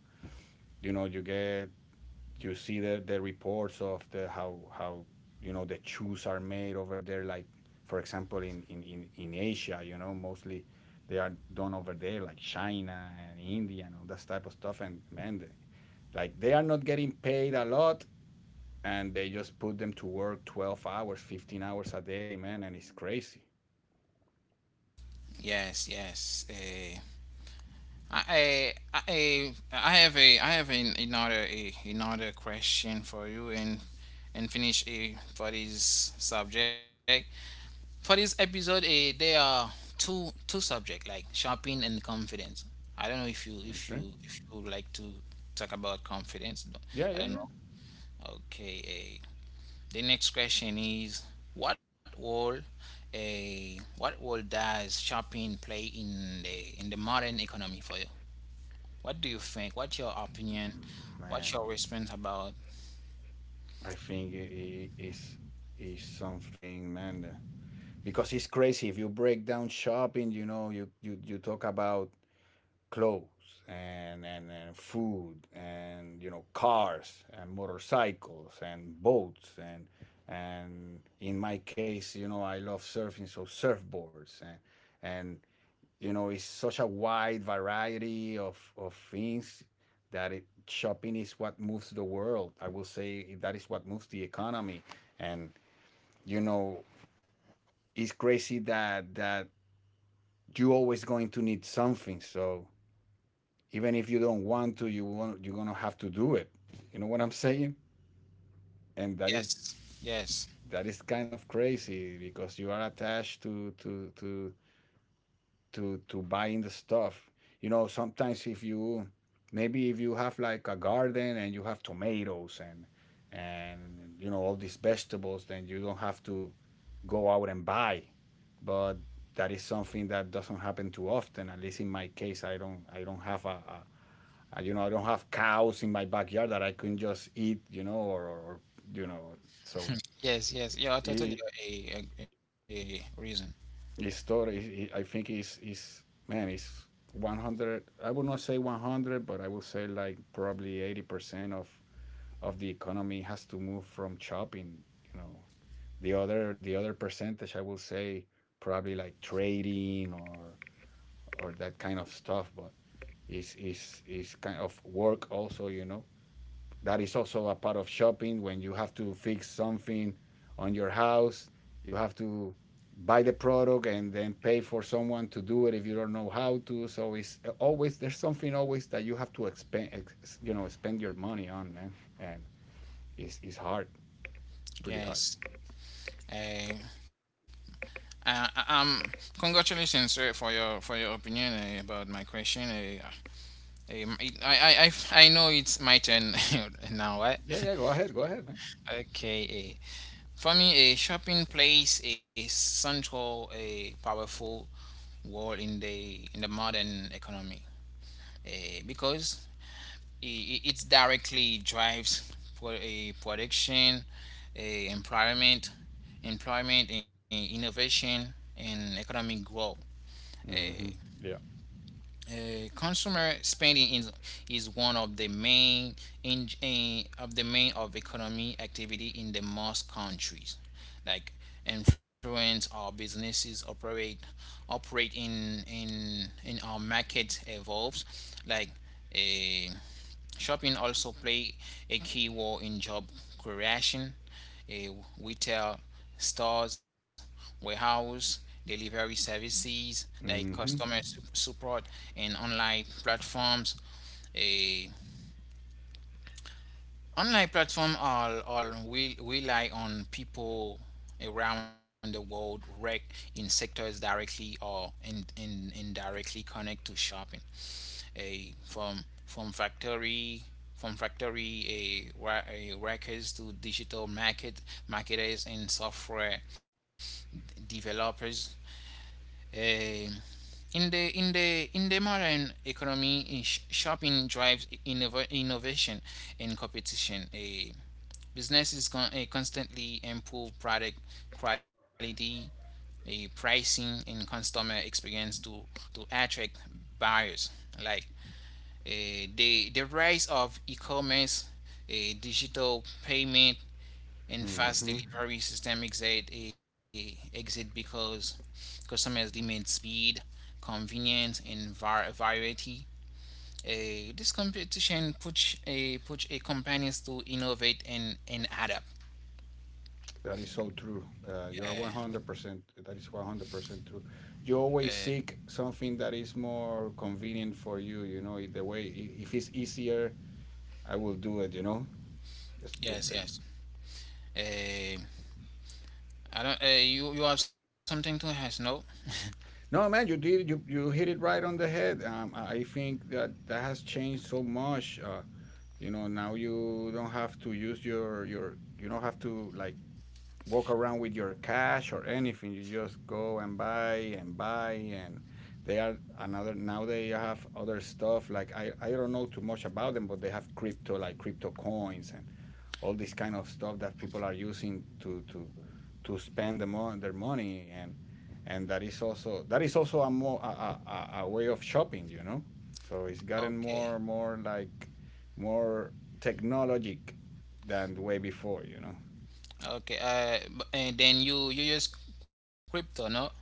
[SPEAKER 2] you know, you get, you see the reports of the, how, you know, the shoes are made over there, like, for example, in asia, you know, mostly they are done over there, like china and india and all that type of stuff, and man, they, like, they are not getting paid a lot, and they just put them to work 12 hours, 15 hours a day, man, and it's crazy.
[SPEAKER 1] yes, yes. I have a I have another another question for you and finish a for this subject. For this episode, there are two subject like shopping and confidence. I don't know if you
[SPEAKER 2] Okay.
[SPEAKER 1] if you would like to talk about confidence. No, I
[SPEAKER 2] Yeah,
[SPEAKER 1] don't
[SPEAKER 2] yeah,
[SPEAKER 1] know.
[SPEAKER 2] yeah.
[SPEAKER 1] Okay. The next question is what role does shopping play in the modern economy for you? What do you think? What's your opinion? What's
[SPEAKER 2] Man,
[SPEAKER 1] your response about?
[SPEAKER 2] I think it is something, man. Because it's crazy. If you break down shopping, you know, you talk about clothes and, and food and, you know, cars and motorcycles and boats and, in my case, you know, I love surfing, so surfboards and, you know, it's such a wide variety of things that it, shopping is what moves the world. I will say that is what moves the economy. And, you know, it's crazy that you're always going to need something, so even if you don't want to, you want, you're gonna have to do it, you know what I'm saying? And that is,
[SPEAKER 1] Yes, yes,
[SPEAKER 2] that is kind of crazy, because you are attached to buying the stuff. You know, sometimes if you, maybe if you have like a garden and you have tomatoes and, you know, all these vegetables, then you don't have to go out and buy. But that is something that doesn't happen too often. At least in my case, I don't have a, you know, I don't have cows in my backyard that I can just eat, you know, or, you know, so
[SPEAKER 1] yes, yes. Yeah, I totally
[SPEAKER 2] it,
[SPEAKER 1] a reason.
[SPEAKER 2] his story, he- I think, is, man, is 100. I would not say 100, but I would say like probably 80% of the economy has to move from shopping. You know, the other percentage, I will say probably like trading or that kind of stuff, but is kind of work also. You know, that is also a part of shopping when you have to fix something on your house. You have to buy the product and then pay for someone to do it if you don't know how to. So it's always, there's something always that you have to expend, ex, you know, spend your money on, man. And it's hard, pretty hard.
[SPEAKER 1] Yes. Uh, uh, um, Congratulations, sir, for your opinion about my question. It, I know it's my turn *laughs* now, right?
[SPEAKER 2] Yeah, yeah. Go ahead, man.
[SPEAKER 1] *laughs* okay. For me, a shopping plays a central, a powerful role in the modern economy. Because it directly drives pro- a production, a employment, employment, and innovation, and economic growth. A
[SPEAKER 2] Mm-hmm. Yeah.
[SPEAKER 1] Consumer spending is one of the main in of the main of economy activity in the most countries. Like influence our businesses operate in our market evolves like a. Shopping also play a key role in job creation. Eh, Retail stores, warehouse, delivery services like
[SPEAKER 2] Mm-hmm.
[SPEAKER 1] customer support, and online platforms. Eh, Online platforms all will rely on people around the world work in sectors directly or indirectly connect to shopping a from factory from factory a, a workers to digital market marketers and software developers. Eh, in the modern economy, shopping drives innovation and competition. A Businesses constantly improve product quality, a pricing, and customer experience to attract buyers. Like the rise of e-commerce, digital payment, and fast
[SPEAKER 2] Mm-hmm.
[SPEAKER 1] delivery system exit because customers demand speed, convenience, and variety. This competition push a push a companies to innovate and adapt.
[SPEAKER 2] That is so true. You're 100%. That is 100% true. You always seek something that is more convenient for you, you know, the way, I- if it's easier, I will do it, you know. Just, ju-
[SPEAKER 1] Yes,
[SPEAKER 2] the,
[SPEAKER 1] yes. Uh, I don't. You have something to ask? No.
[SPEAKER 2] no, man, you did, you hit it right on the head. I think that that has changed so much. You know, now you don't have to use you don't have to like, walk around with your cash or anything. You just go and buy and buy. And they are another, now they have other stuff like, I don't know too much about them, but they have crypto, like crypto coins and all this kind of stuff that people are using to to spend the their money. And that is also, that is also a more, a way of shopping, you know. So it's gotten
[SPEAKER 1] Okay.
[SPEAKER 2] more more like, more technologic than the way before, you know.
[SPEAKER 1] Okay. And then you use crypto? No. Now.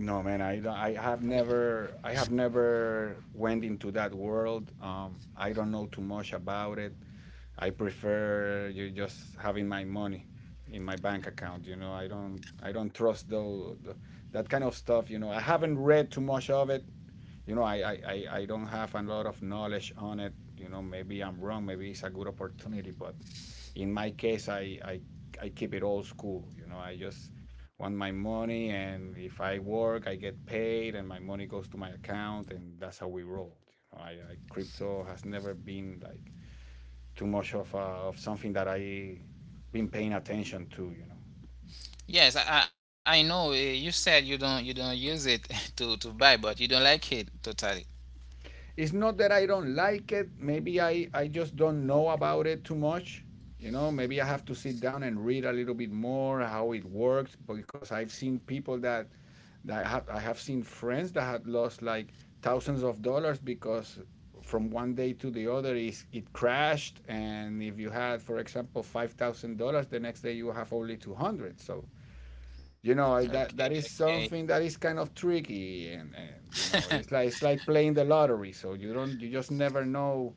[SPEAKER 2] No, man, I have never, I have never went into that world. I don't know too much about it. I prefer you just having my money in my bank account. You know, I don't trust though the, that kind of stuff. You know, I haven't read too much of it. You know, I don't have a lot of knowledge on it. You know, maybe I'm wrong. Maybe it's a good opportunity, but in my case I keep it old school, you know. I just want my money, and if I work I get paid, and my money goes to my account, and that's how we roll, you know. I, crypto has never been like too much of something that I been paying attention to, you know.
[SPEAKER 1] Yes, I know. You said you don't use it *laughs* to buy, but you don't like it totally.
[SPEAKER 2] It's not that I don't like it. Maybe I just don't know about it too much. You know, maybe I have to sit down and read a little bit more how it works, because I've seen people that that, I have seen friends that had lost like thousands of dollars because from one day to the other, is it crashed, and if you had, for example, $5,000, the next day you have only 200. So, you know, I- that
[SPEAKER 1] Okay,
[SPEAKER 2] that is
[SPEAKER 1] okay,
[SPEAKER 2] something that is kind of tricky, and you know, it's like, it's like playing the lottery, so you don't, you just never know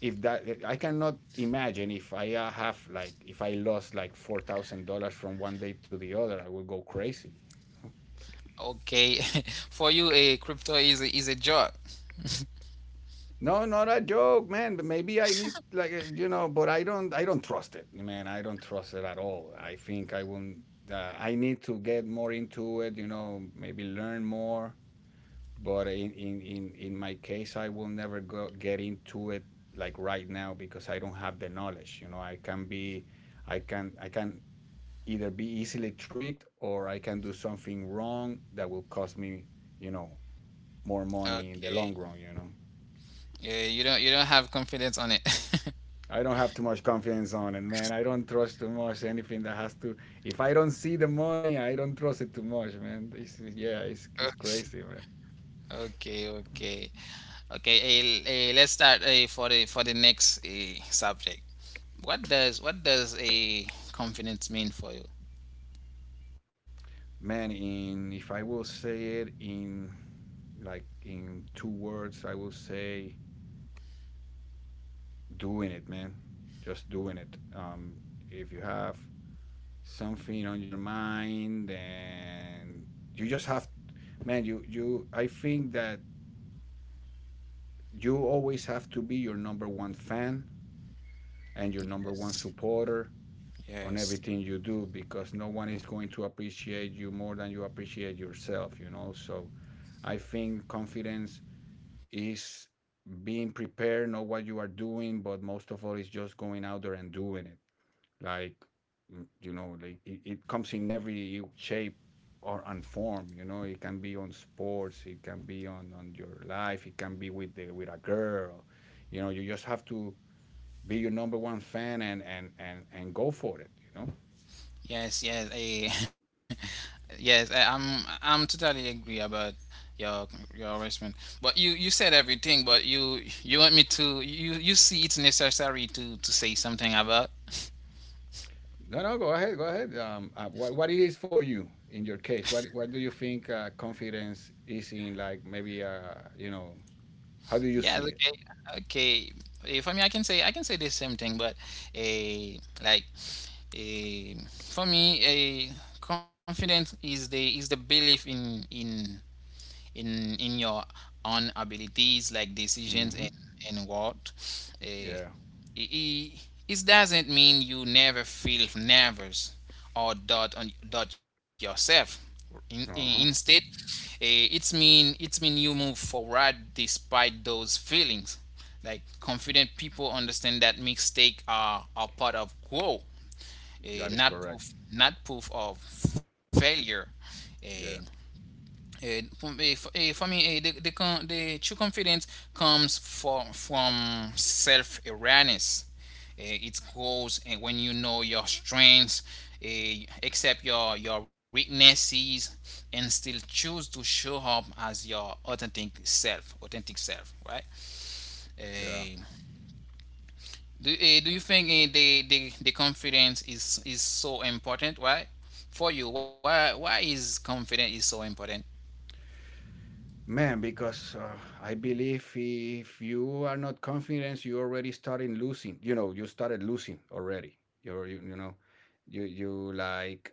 [SPEAKER 2] if that. I cannot imagine if I, have like, if I lost like $4000 from one day to the other, I would go crazy.
[SPEAKER 1] okay. *laughs* For you, a crypto is is a job.
[SPEAKER 2] No, not a joke, man, but maybe I need like, you know, but I don't trust it, man, I don't trust it at all. I think I won't, I need to get more into it, you know, maybe learn more. But in in my case I will never go get into it like right now, because I don't have the knowledge, you know. I can either be easily tricked, or I can do something wrong that will cost me, you know, more money in the long
[SPEAKER 1] Okay.
[SPEAKER 2] run, you know.
[SPEAKER 1] Yeah, you don't have confidence on it. *laughs*
[SPEAKER 2] I don't have too much confidence on it, man. I don't trust too much anything that has to, if I don't see the money I don't trust it too much, man. This is, yeah, it's crazy, man.
[SPEAKER 1] Okay, okay, okay. Let's start for the next subject. What does a confidence mean for you?
[SPEAKER 2] Man, in if I will say it in like in 2 words, I will say doing it, man. Just doing it. If you have something on your mind and you just have, man, you. I think that you always have to be your number one fan and your number one
[SPEAKER 1] Yes.
[SPEAKER 2] supporter on everything you
[SPEAKER 1] Yes.
[SPEAKER 2] do because no one is going to appreciate you more than you appreciate yourself. So I think confidence is being prepared, know what you are doing, but most of all is just going out there and doing it. Like like it comes in every shape or and form. You know, it can be on sports, it can be on your life, it can be with the with a girl. You know, you just have to be your number one fan and go for it. You know.
[SPEAKER 1] Yes, yes, *laughs* yes. I'm totally agree about your your response. But you said everything. But you want me to you see it's necessary to say something about.
[SPEAKER 2] No, no, go ahead, go ahead. What it is for you in your case? What do you think confidence is in? Like maybe how do you see
[SPEAKER 1] Yes.
[SPEAKER 2] it?
[SPEAKER 1] Okay. Okay. For me, I can say the same thing, but a like a for me a confidence is the belief in your own abilities like
[SPEAKER 2] hmm
[SPEAKER 1] decisions and what.
[SPEAKER 2] Yeah.
[SPEAKER 1] eh, I- It doesn't mean you never feel nervous or doubt yourself.
[SPEAKER 2] Uh huh.
[SPEAKER 1] Instead, eh, it's mean you move forward despite those feelings. Like confident people understand that mistakes are part of growth,
[SPEAKER 2] That is correct.
[SPEAKER 1] not proof, not proof of failure.
[SPEAKER 2] Yeah.
[SPEAKER 1] Eh, Eh, for, eh, for, eh, me, eh, the, con- the true confidence comes from self awareness. It grows when you know your strengths, accept your weaknesses, and still choose to show up as your authentic self. Authentic self, right?
[SPEAKER 2] Yeah.
[SPEAKER 1] Eh,
[SPEAKER 2] That-
[SPEAKER 1] do you think the confidence is so important? Why? For you, why is confidence is so important?
[SPEAKER 2] Man, because I believe if you are not confident, you already started losing. You know, you started losing already. You know, you like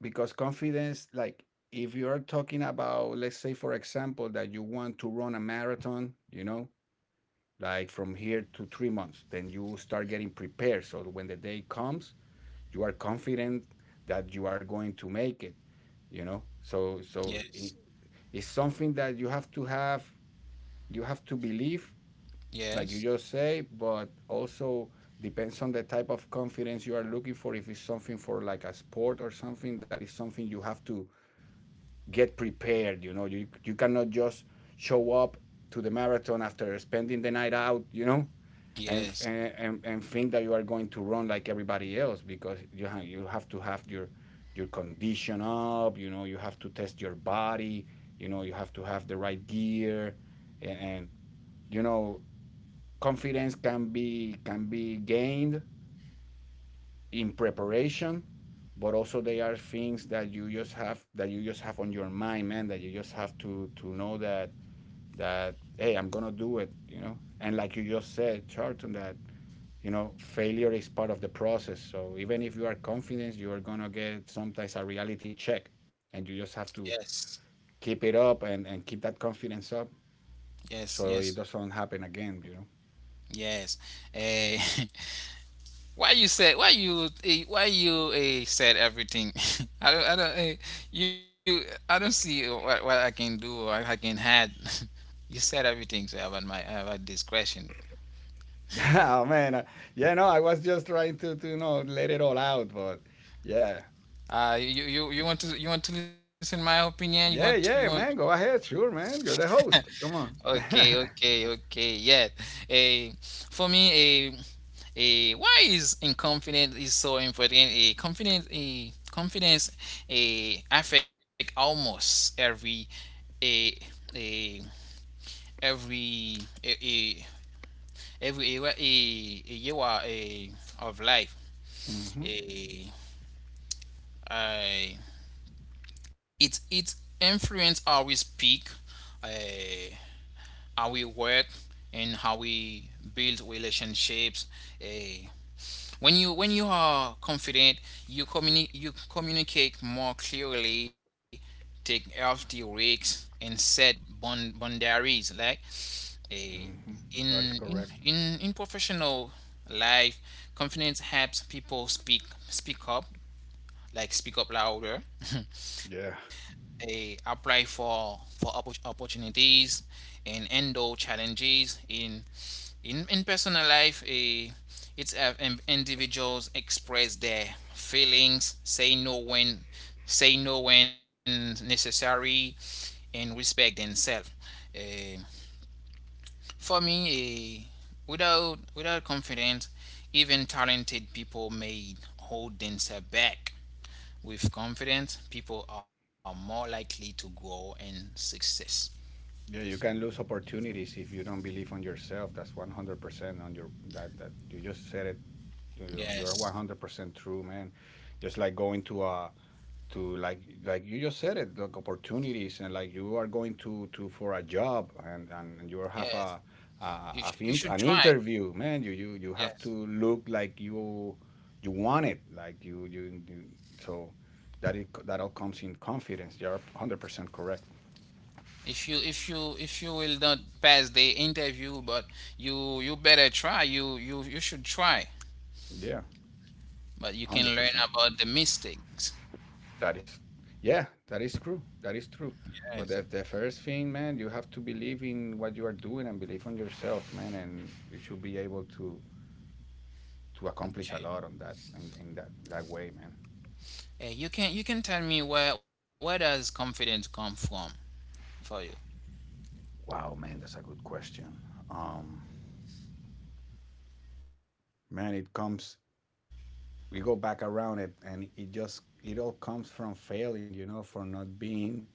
[SPEAKER 2] because confidence like if you're talking about, let's say, for example, that you want to run a marathon, you know, like from here to 3 months, then you start getting prepared. So when the day comes, you are confident that you are going to make it, you know, so
[SPEAKER 1] Yes.
[SPEAKER 2] so i- it's something that you have to have. You have to believe, like you
[SPEAKER 1] Yes.
[SPEAKER 2] just say. But also depends on the type of confidence you are looking for. If it's something for like a sport or something, that is something you have to get prepared. You know, you cannot just show up to the marathon after spending the night out. You know, and
[SPEAKER 1] Yes,
[SPEAKER 2] and and, and think that you are going to run like everybody else, because you have to have your condition up. You know, you have to test your body. You know, you have to have the right gear, and you know, confidence can be gained in preparation. But also they are things that you just have, that you just have on your mind, man, that you just have to know that, that hey, I'm gonna do it, you know? And like you just said, Charlton, that you know failure is part of the process, so even if you are confident, you are gonna get sometimes a reality check, and you just have to
[SPEAKER 1] yes,
[SPEAKER 2] keep it up and keep that confidence up
[SPEAKER 1] yes,
[SPEAKER 2] so it
[SPEAKER 1] yes,
[SPEAKER 2] doesn't happen again, you know.
[SPEAKER 1] yes, Eh, *laughs* why you said why you eh, said everything? *laughs* I don't eh, you I don't see what I can do or I can add. *laughs* you said everything so about my about this question.
[SPEAKER 2] *laughs* Oh man, yeah, no, I was just trying to let it all out, but yeah.
[SPEAKER 1] You, you you want to listen my opinion?
[SPEAKER 2] Yeah, yeah,
[SPEAKER 1] You want
[SPEAKER 2] man. Go ahead. Sure, man. You're the host. Come on. *laughs*
[SPEAKER 1] Okay, okay, okay. Yeah. A for me, a why is in confidence is so important? A confidence, a confidence, a affect almost every a a every a every era a year a of life.
[SPEAKER 2] hmm
[SPEAKER 1] A I it it influence how we speak. Eh, how we work and how we build relationships. Eh, when you are confident, you communi- you communicate more clearly, take healthy risks, and set bond- boundaries. Like eh,
[SPEAKER 2] hmm That is correct.
[SPEAKER 1] in professional life, confidence helps people speak speak up, like speak up louder. *laughs*
[SPEAKER 2] Yeah.
[SPEAKER 1] eh, apply for oppor- opportunities and handle challenges in personal life eh, it's have in- individuals express their feelings say no when necessary and respect themselves Eh, for me eh, without without confidence even talented people may hold themselves back with confidence, people are more likely to grow in success.
[SPEAKER 2] Yeah, you can lose opportunities if you don't believe on yourself. That's 100% on your, that that you just said it. You're one
[SPEAKER 1] Yes,
[SPEAKER 2] hundred percent true, man. Just like going to a to like you just said it, like opportunities, and like you are going to for a job, and and you
[SPEAKER 1] yes.
[SPEAKER 2] have a a,
[SPEAKER 1] You, sh- you should
[SPEAKER 2] an
[SPEAKER 1] try.
[SPEAKER 2] interview, man. You
[SPEAKER 1] Yes.
[SPEAKER 2] have to look like you want it, like you so that it that all comes in confidence. You're 100% correct.
[SPEAKER 1] If you if you if you will not pass the interview, but you better try. You should try.
[SPEAKER 2] Yeah,
[SPEAKER 1] But you
[SPEAKER 2] one
[SPEAKER 1] can
[SPEAKER 2] hundred
[SPEAKER 1] learn
[SPEAKER 2] percent.
[SPEAKER 1] about the mistakes.
[SPEAKER 2] That is, yeah, that is true. That is true.
[SPEAKER 1] Yes.
[SPEAKER 2] But the first thing, man, you have to believe in what you are doing and believe on yourself, man, and you should be able to accomplish a
[SPEAKER 1] Okay.
[SPEAKER 2] lot on that in that that way, man.
[SPEAKER 1] Eh, you can tell me where does confidence come from for you?
[SPEAKER 2] Wow, man, that's a good question. Um, man, it comes. We go back around it, and it just it all comes from failing, you know, for not being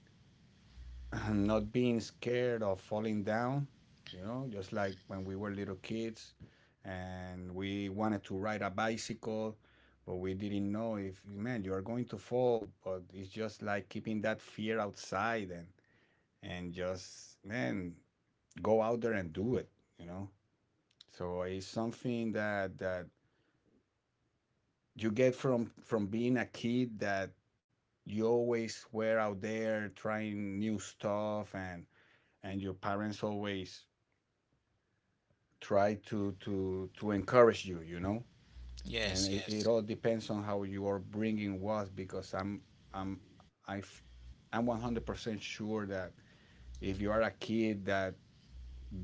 [SPEAKER 2] *laughs* *clears throat* not being scared of falling down, you know, just like when we were little kids and we wanted to ride a bicycle, but we didn't know if, man, you are going to fall. But it's just like keeping that fear outside and just, man, go out there and do it, you know? So it's something that, that you get from being a kid that you always were out there trying new stuff and your parents always try to encourage you, you know. And
[SPEAKER 1] Yes.
[SPEAKER 2] it
[SPEAKER 1] Yes.
[SPEAKER 2] all depends on how you are bringing was, because i'm i f- I'm 100% sure that if you are a kid that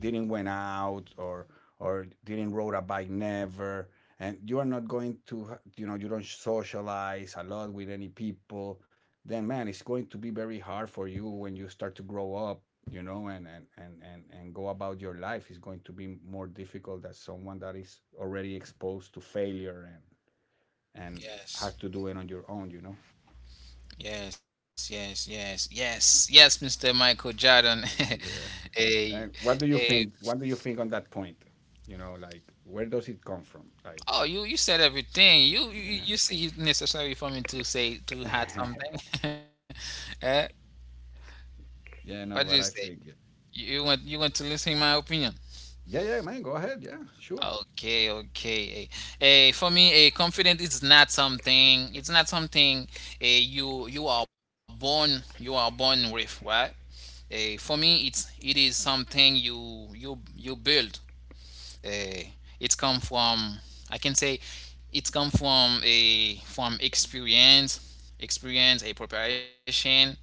[SPEAKER 2] didn't went out or didn't rode a bike never, and you are not going to you know, you don't socialize a lot with any people, then man, it's going to be very hard for you when you start to grow up, you know, and and go about your life. It's going to be more difficult than someone that is already exposed to failure and has to do
[SPEAKER 1] Yes.
[SPEAKER 2] it on your own, you know.
[SPEAKER 1] Yes, yes, yes, yes, yes, Mr. Michael Jordan. *laughs*
[SPEAKER 2] Yeah.
[SPEAKER 1] Hey,
[SPEAKER 2] And what do you
[SPEAKER 1] hey.
[SPEAKER 2] think, what do you think on that point, you know, like where does it come from, like?
[SPEAKER 1] Oh, you said everything. You you see it necessary for me to say to add something.
[SPEAKER 2] *laughs*
[SPEAKER 1] *laughs* Eh? What do
[SPEAKER 2] Yeah,
[SPEAKER 1] you
[SPEAKER 2] no,
[SPEAKER 1] say?
[SPEAKER 2] but I think yeah,
[SPEAKER 1] You want to listen my opinion?
[SPEAKER 2] yeah, man, go ahead. Yeah, sure.
[SPEAKER 1] Okay, okay. For me, a confident is not something. It's not something. You are born with, right? For me, it is something you build. uh, it's come from I can say it's come from a from experience, experience, a preparation,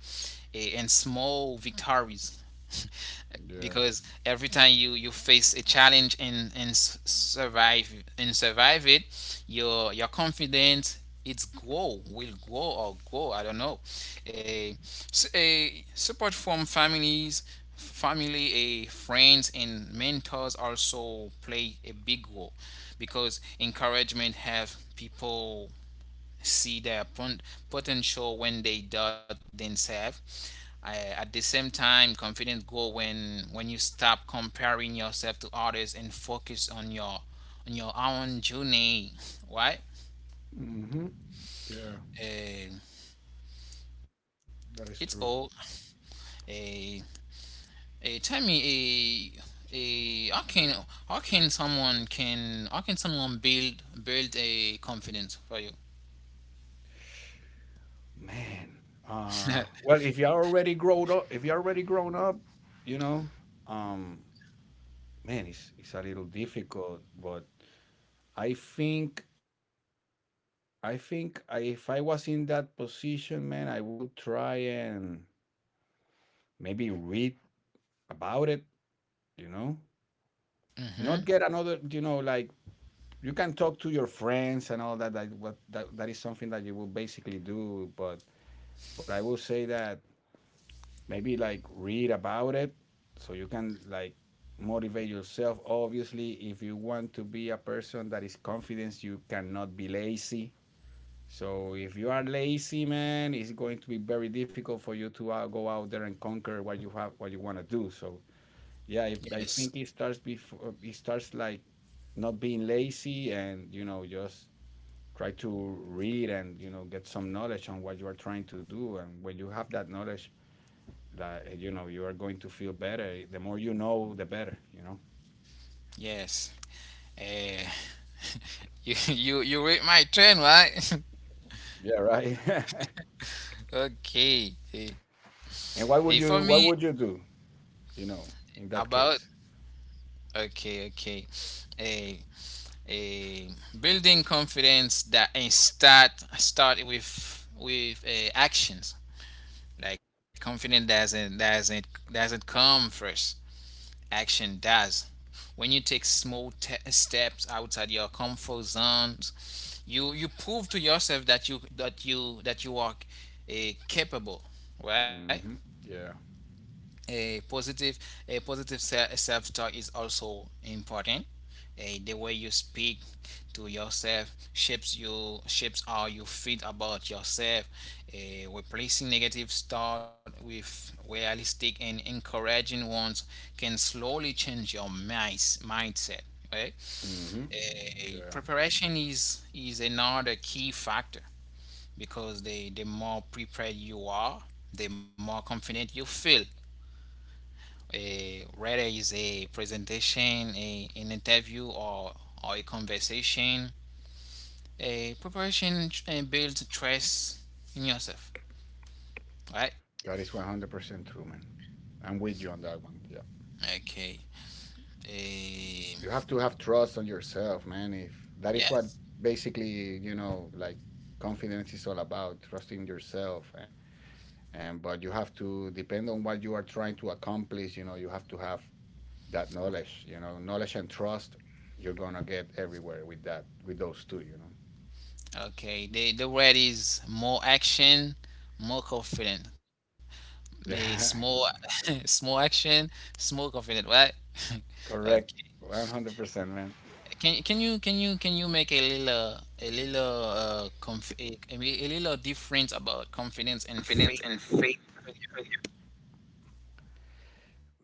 [SPEAKER 1] and small victories
[SPEAKER 2] Yeah.
[SPEAKER 1] because every time you face a challenge and survive it, your confidence, it's grow will grow or grow I don't know. A a Support from families, family, a friends and mentors also play a big role because encouragement have people see their potential when they doubt themselves. I- at the same time, confidence grow when you stop comparing yourself to others and focus on your own journey, right?
[SPEAKER 2] hmm Yeah,
[SPEAKER 1] Eh, it's
[SPEAKER 2] that is
[SPEAKER 1] all.
[SPEAKER 2] true.
[SPEAKER 1] Eh, eh, Tell me, a how can how can someone build a confidence for you?
[SPEAKER 2] Man.
[SPEAKER 1] *laughs*
[SPEAKER 2] Well if you're already grown up, if you're already grown up, you know, um man, it's a little difficult, but I think I think if I was in that position, man, I will try and maybe read about it, you know?
[SPEAKER 1] hmm
[SPEAKER 2] Not get another, you know, like you can talk to your friends and all that, that what that, that is something that you will basically do, but I will say that maybe like read about it so you can like motivate yourself. Obviously, if you want to be a person that is confident, you cannot be lazy. So if you are lazy, man, it's going to be very difficult for you to go out there and conquer what you have, what you want to do. So yeah, if, I
[SPEAKER 1] Yes.
[SPEAKER 2] think it starts before, it starts like not being lazy, and you know, just try to read, and you know, get some knowledge on what you are trying to do. And when you have that knowledge, that you know, you are going to feel better. The more you know, the better, you know.
[SPEAKER 1] Yes. Eh, You *laughs* you read my trend, right?
[SPEAKER 2] Yeah, right.
[SPEAKER 1] *laughs* okay. Hey,
[SPEAKER 2] *laughs*
[SPEAKER 1] hey,
[SPEAKER 2] And
[SPEAKER 1] for
[SPEAKER 2] what
[SPEAKER 1] me
[SPEAKER 2] would you, what would you do, you know, in that
[SPEAKER 1] about
[SPEAKER 2] case?
[SPEAKER 1] okay okay. Hey, hey, building confidence that and start start with actions. Like confidence doesn't come first. Action does. When you take small steps outside your comfort zones, you prove to yourself that you are capable, right?
[SPEAKER 2] hmm yeah.
[SPEAKER 1] a positive a positive self-talk is also important. The way you speak to yourself shapes how you feel about yourself. Replacing negative thought with realistic and encouraging ones can slowly change your mindset, right?
[SPEAKER 2] hmm yeah,
[SPEAKER 1] Preparation is another key factor because the more prepared you are, the more confident you feel, a whether is a presentation, a an interview, or a conversation. A preparation and builds trust in yourself, right?
[SPEAKER 2] that is 100% true, man. I'm with you on that one. Yeah,
[SPEAKER 1] Okay. A
[SPEAKER 2] you have to have trust on yourself, man. If that is what
[SPEAKER 1] yes.
[SPEAKER 2] basically, you know, like confidence is all about trusting yourself, and but you have to depend on what you are trying to accomplish, you know. You have to have that knowledge, you know, knowledge and trust. You're gonna get everywhere with that, with those two, you know.
[SPEAKER 1] Okay. The word is more action, more confident. A
[SPEAKER 2] *laughs*
[SPEAKER 1] small
[SPEAKER 2] Yeah.
[SPEAKER 1] *laughs* small action, small confident, right? *laughs* okay.
[SPEAKER 2] Correct. 100%, man.
[SPEAKER 1] Can you make a little conf a little difference about confidence and
[SPEAKER 2] Confidence
[SPEAKER 1] faith
[SPEAKER 2] and faith.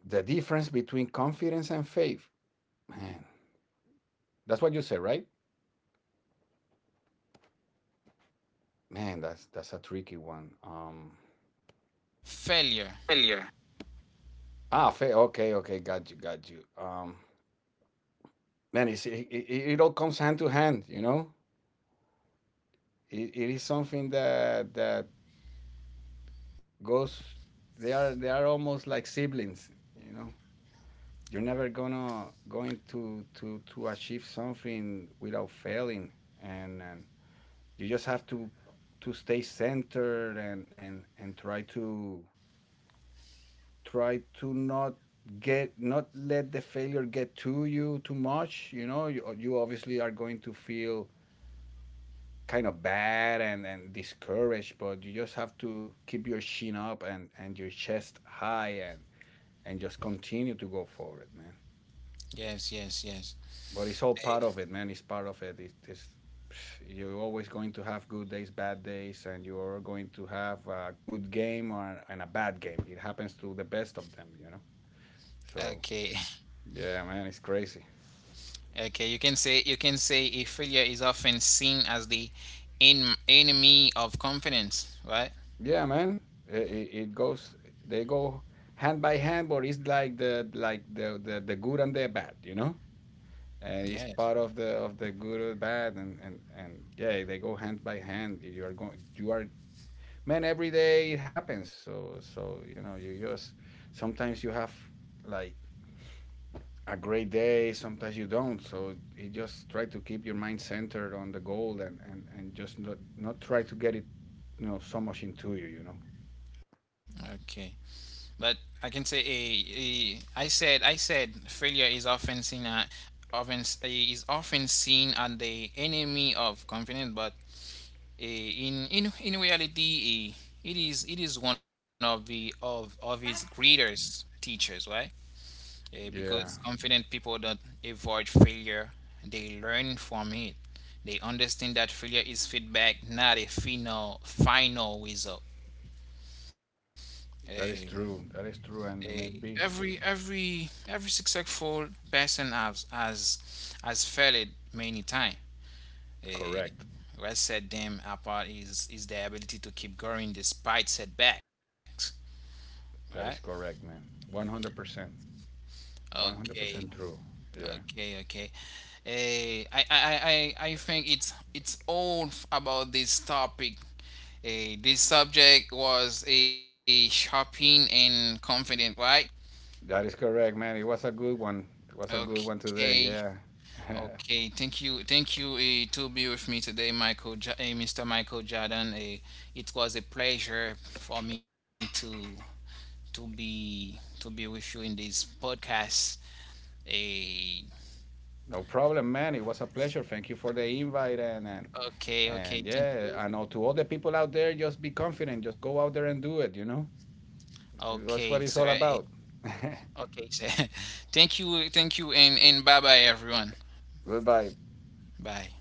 [SPEAKER 2] The difference between confidence and faith, man, that's what you said, right? Man, that's a tricky one.
[SPEAKER 1] failure?
[SPEAKER 2] Failure. Okay, okay, got you, got you. Man, it's, it all comes hand to hand, you know. It is something that that goes. They are they are almost like siblings, you know. You're never gonna going to to to achieve something without failing, and you just have to stay centered, and and try to try to not get, not let the failure get to you too much, you know. You obviously are going to feel kind of bad and discouraged, but you just have to keep your chin up, and your chest high, and just continue to go forward, man.
[SPEAKER 1] Yes, yes, yes.
[SPEAKER 2] But it's all
[SPEAKER 1] Eh,
[SPEAKER 2] part of it, man. It's part of it. It's you're always going to have good days, bad days, and you're going to have a good game, and a bad game. It happens to the best of them, you know. So
[SPEAKER 1] Okay,
[SPEAKER 2] yeah, man, it's crazy.
[SPEAKER 1] *laughs* okay. You can say a failure is often seen as the en enemy of confidence, right?
[SPEAKER 2] Yeah, man, it goes. They go hand by hand, but it's like the like the good and the bad, you know. And it's
[SPEAKER 1] Yes.
[SPEAKER 2] part of the good or bad, and and yeah, they go hand by hand. You are going. You are man, every day it happens. So so you know, you just sometimes you have like a great day, sometimes you don't. So you just try to keep your mind centered on the goal, and and just not, not try to get it, you know, so much into you, you know.
[SPEAKER 1] Okay. But I can say a I said failure is often seen at is often seen as the enemy of confidence, but in reality, it is one of the of his greatest teachers, right?
[SPEAKER 2] Yeah,
[SPEAKER 1] Because confident people don't avoid failure; they learn from it. They understand that failure is feedback, not a final result. Eh,
[SPEAKER 2] that is true. That is true.
[SPEAKER 1] eh,
[SPEAKER 2] And maybe
[SPEAKER 1] every successful person has failed many times. Eh,
[SPEAKER 2] correct,
[SPEAKER 1] what set them apart is the ability to keep going despite setbacks, right?
[SPEAKER 2] that is correct, man. 100%
[SPEAKER 1] Okay,
[SPEAKER 2] 100% true. Yeah,
[SPEAKER 1] okay, okay. I think it's all about this topic. This subject was a shopping and confident, right?
[SPEAKER 2] that is correct, man. It was a good one, it was a good one today,
[SPEAKER 1] Okay,
[SPEAKER 2] yeah. *laughs*
[SPEAKER 1] okay. Thank you to be with me today, Michael, Mr. Michael Jordan. It was a pleasure for me to be with you in this podcast. A
[SPEAKER 2] No problem, man. It was a pleasure. Thank you for the invite
[SPEAKER 1] okay,
[SPEAKER 2] and
[SPEAKER 1] okay, thank
[SPEAKER 2] yeah, I
[SPEAKER 1] you.
[SPEAKER 2] know, to all the people out there, just be confident. Just go out there and do it, you know?
[SPEAKER 1] Okay,
[SPEAKER 2] That's what it's all
[SPEAKER 1] sorry.
[SPEAKER 2] about. *laughs*
[SPEAKER 1] Okay, sir. *laughs* Thank you, and bye bye everyone.
[SPEAKER 2] Goodbye.
[SPEAKER 1] Bye.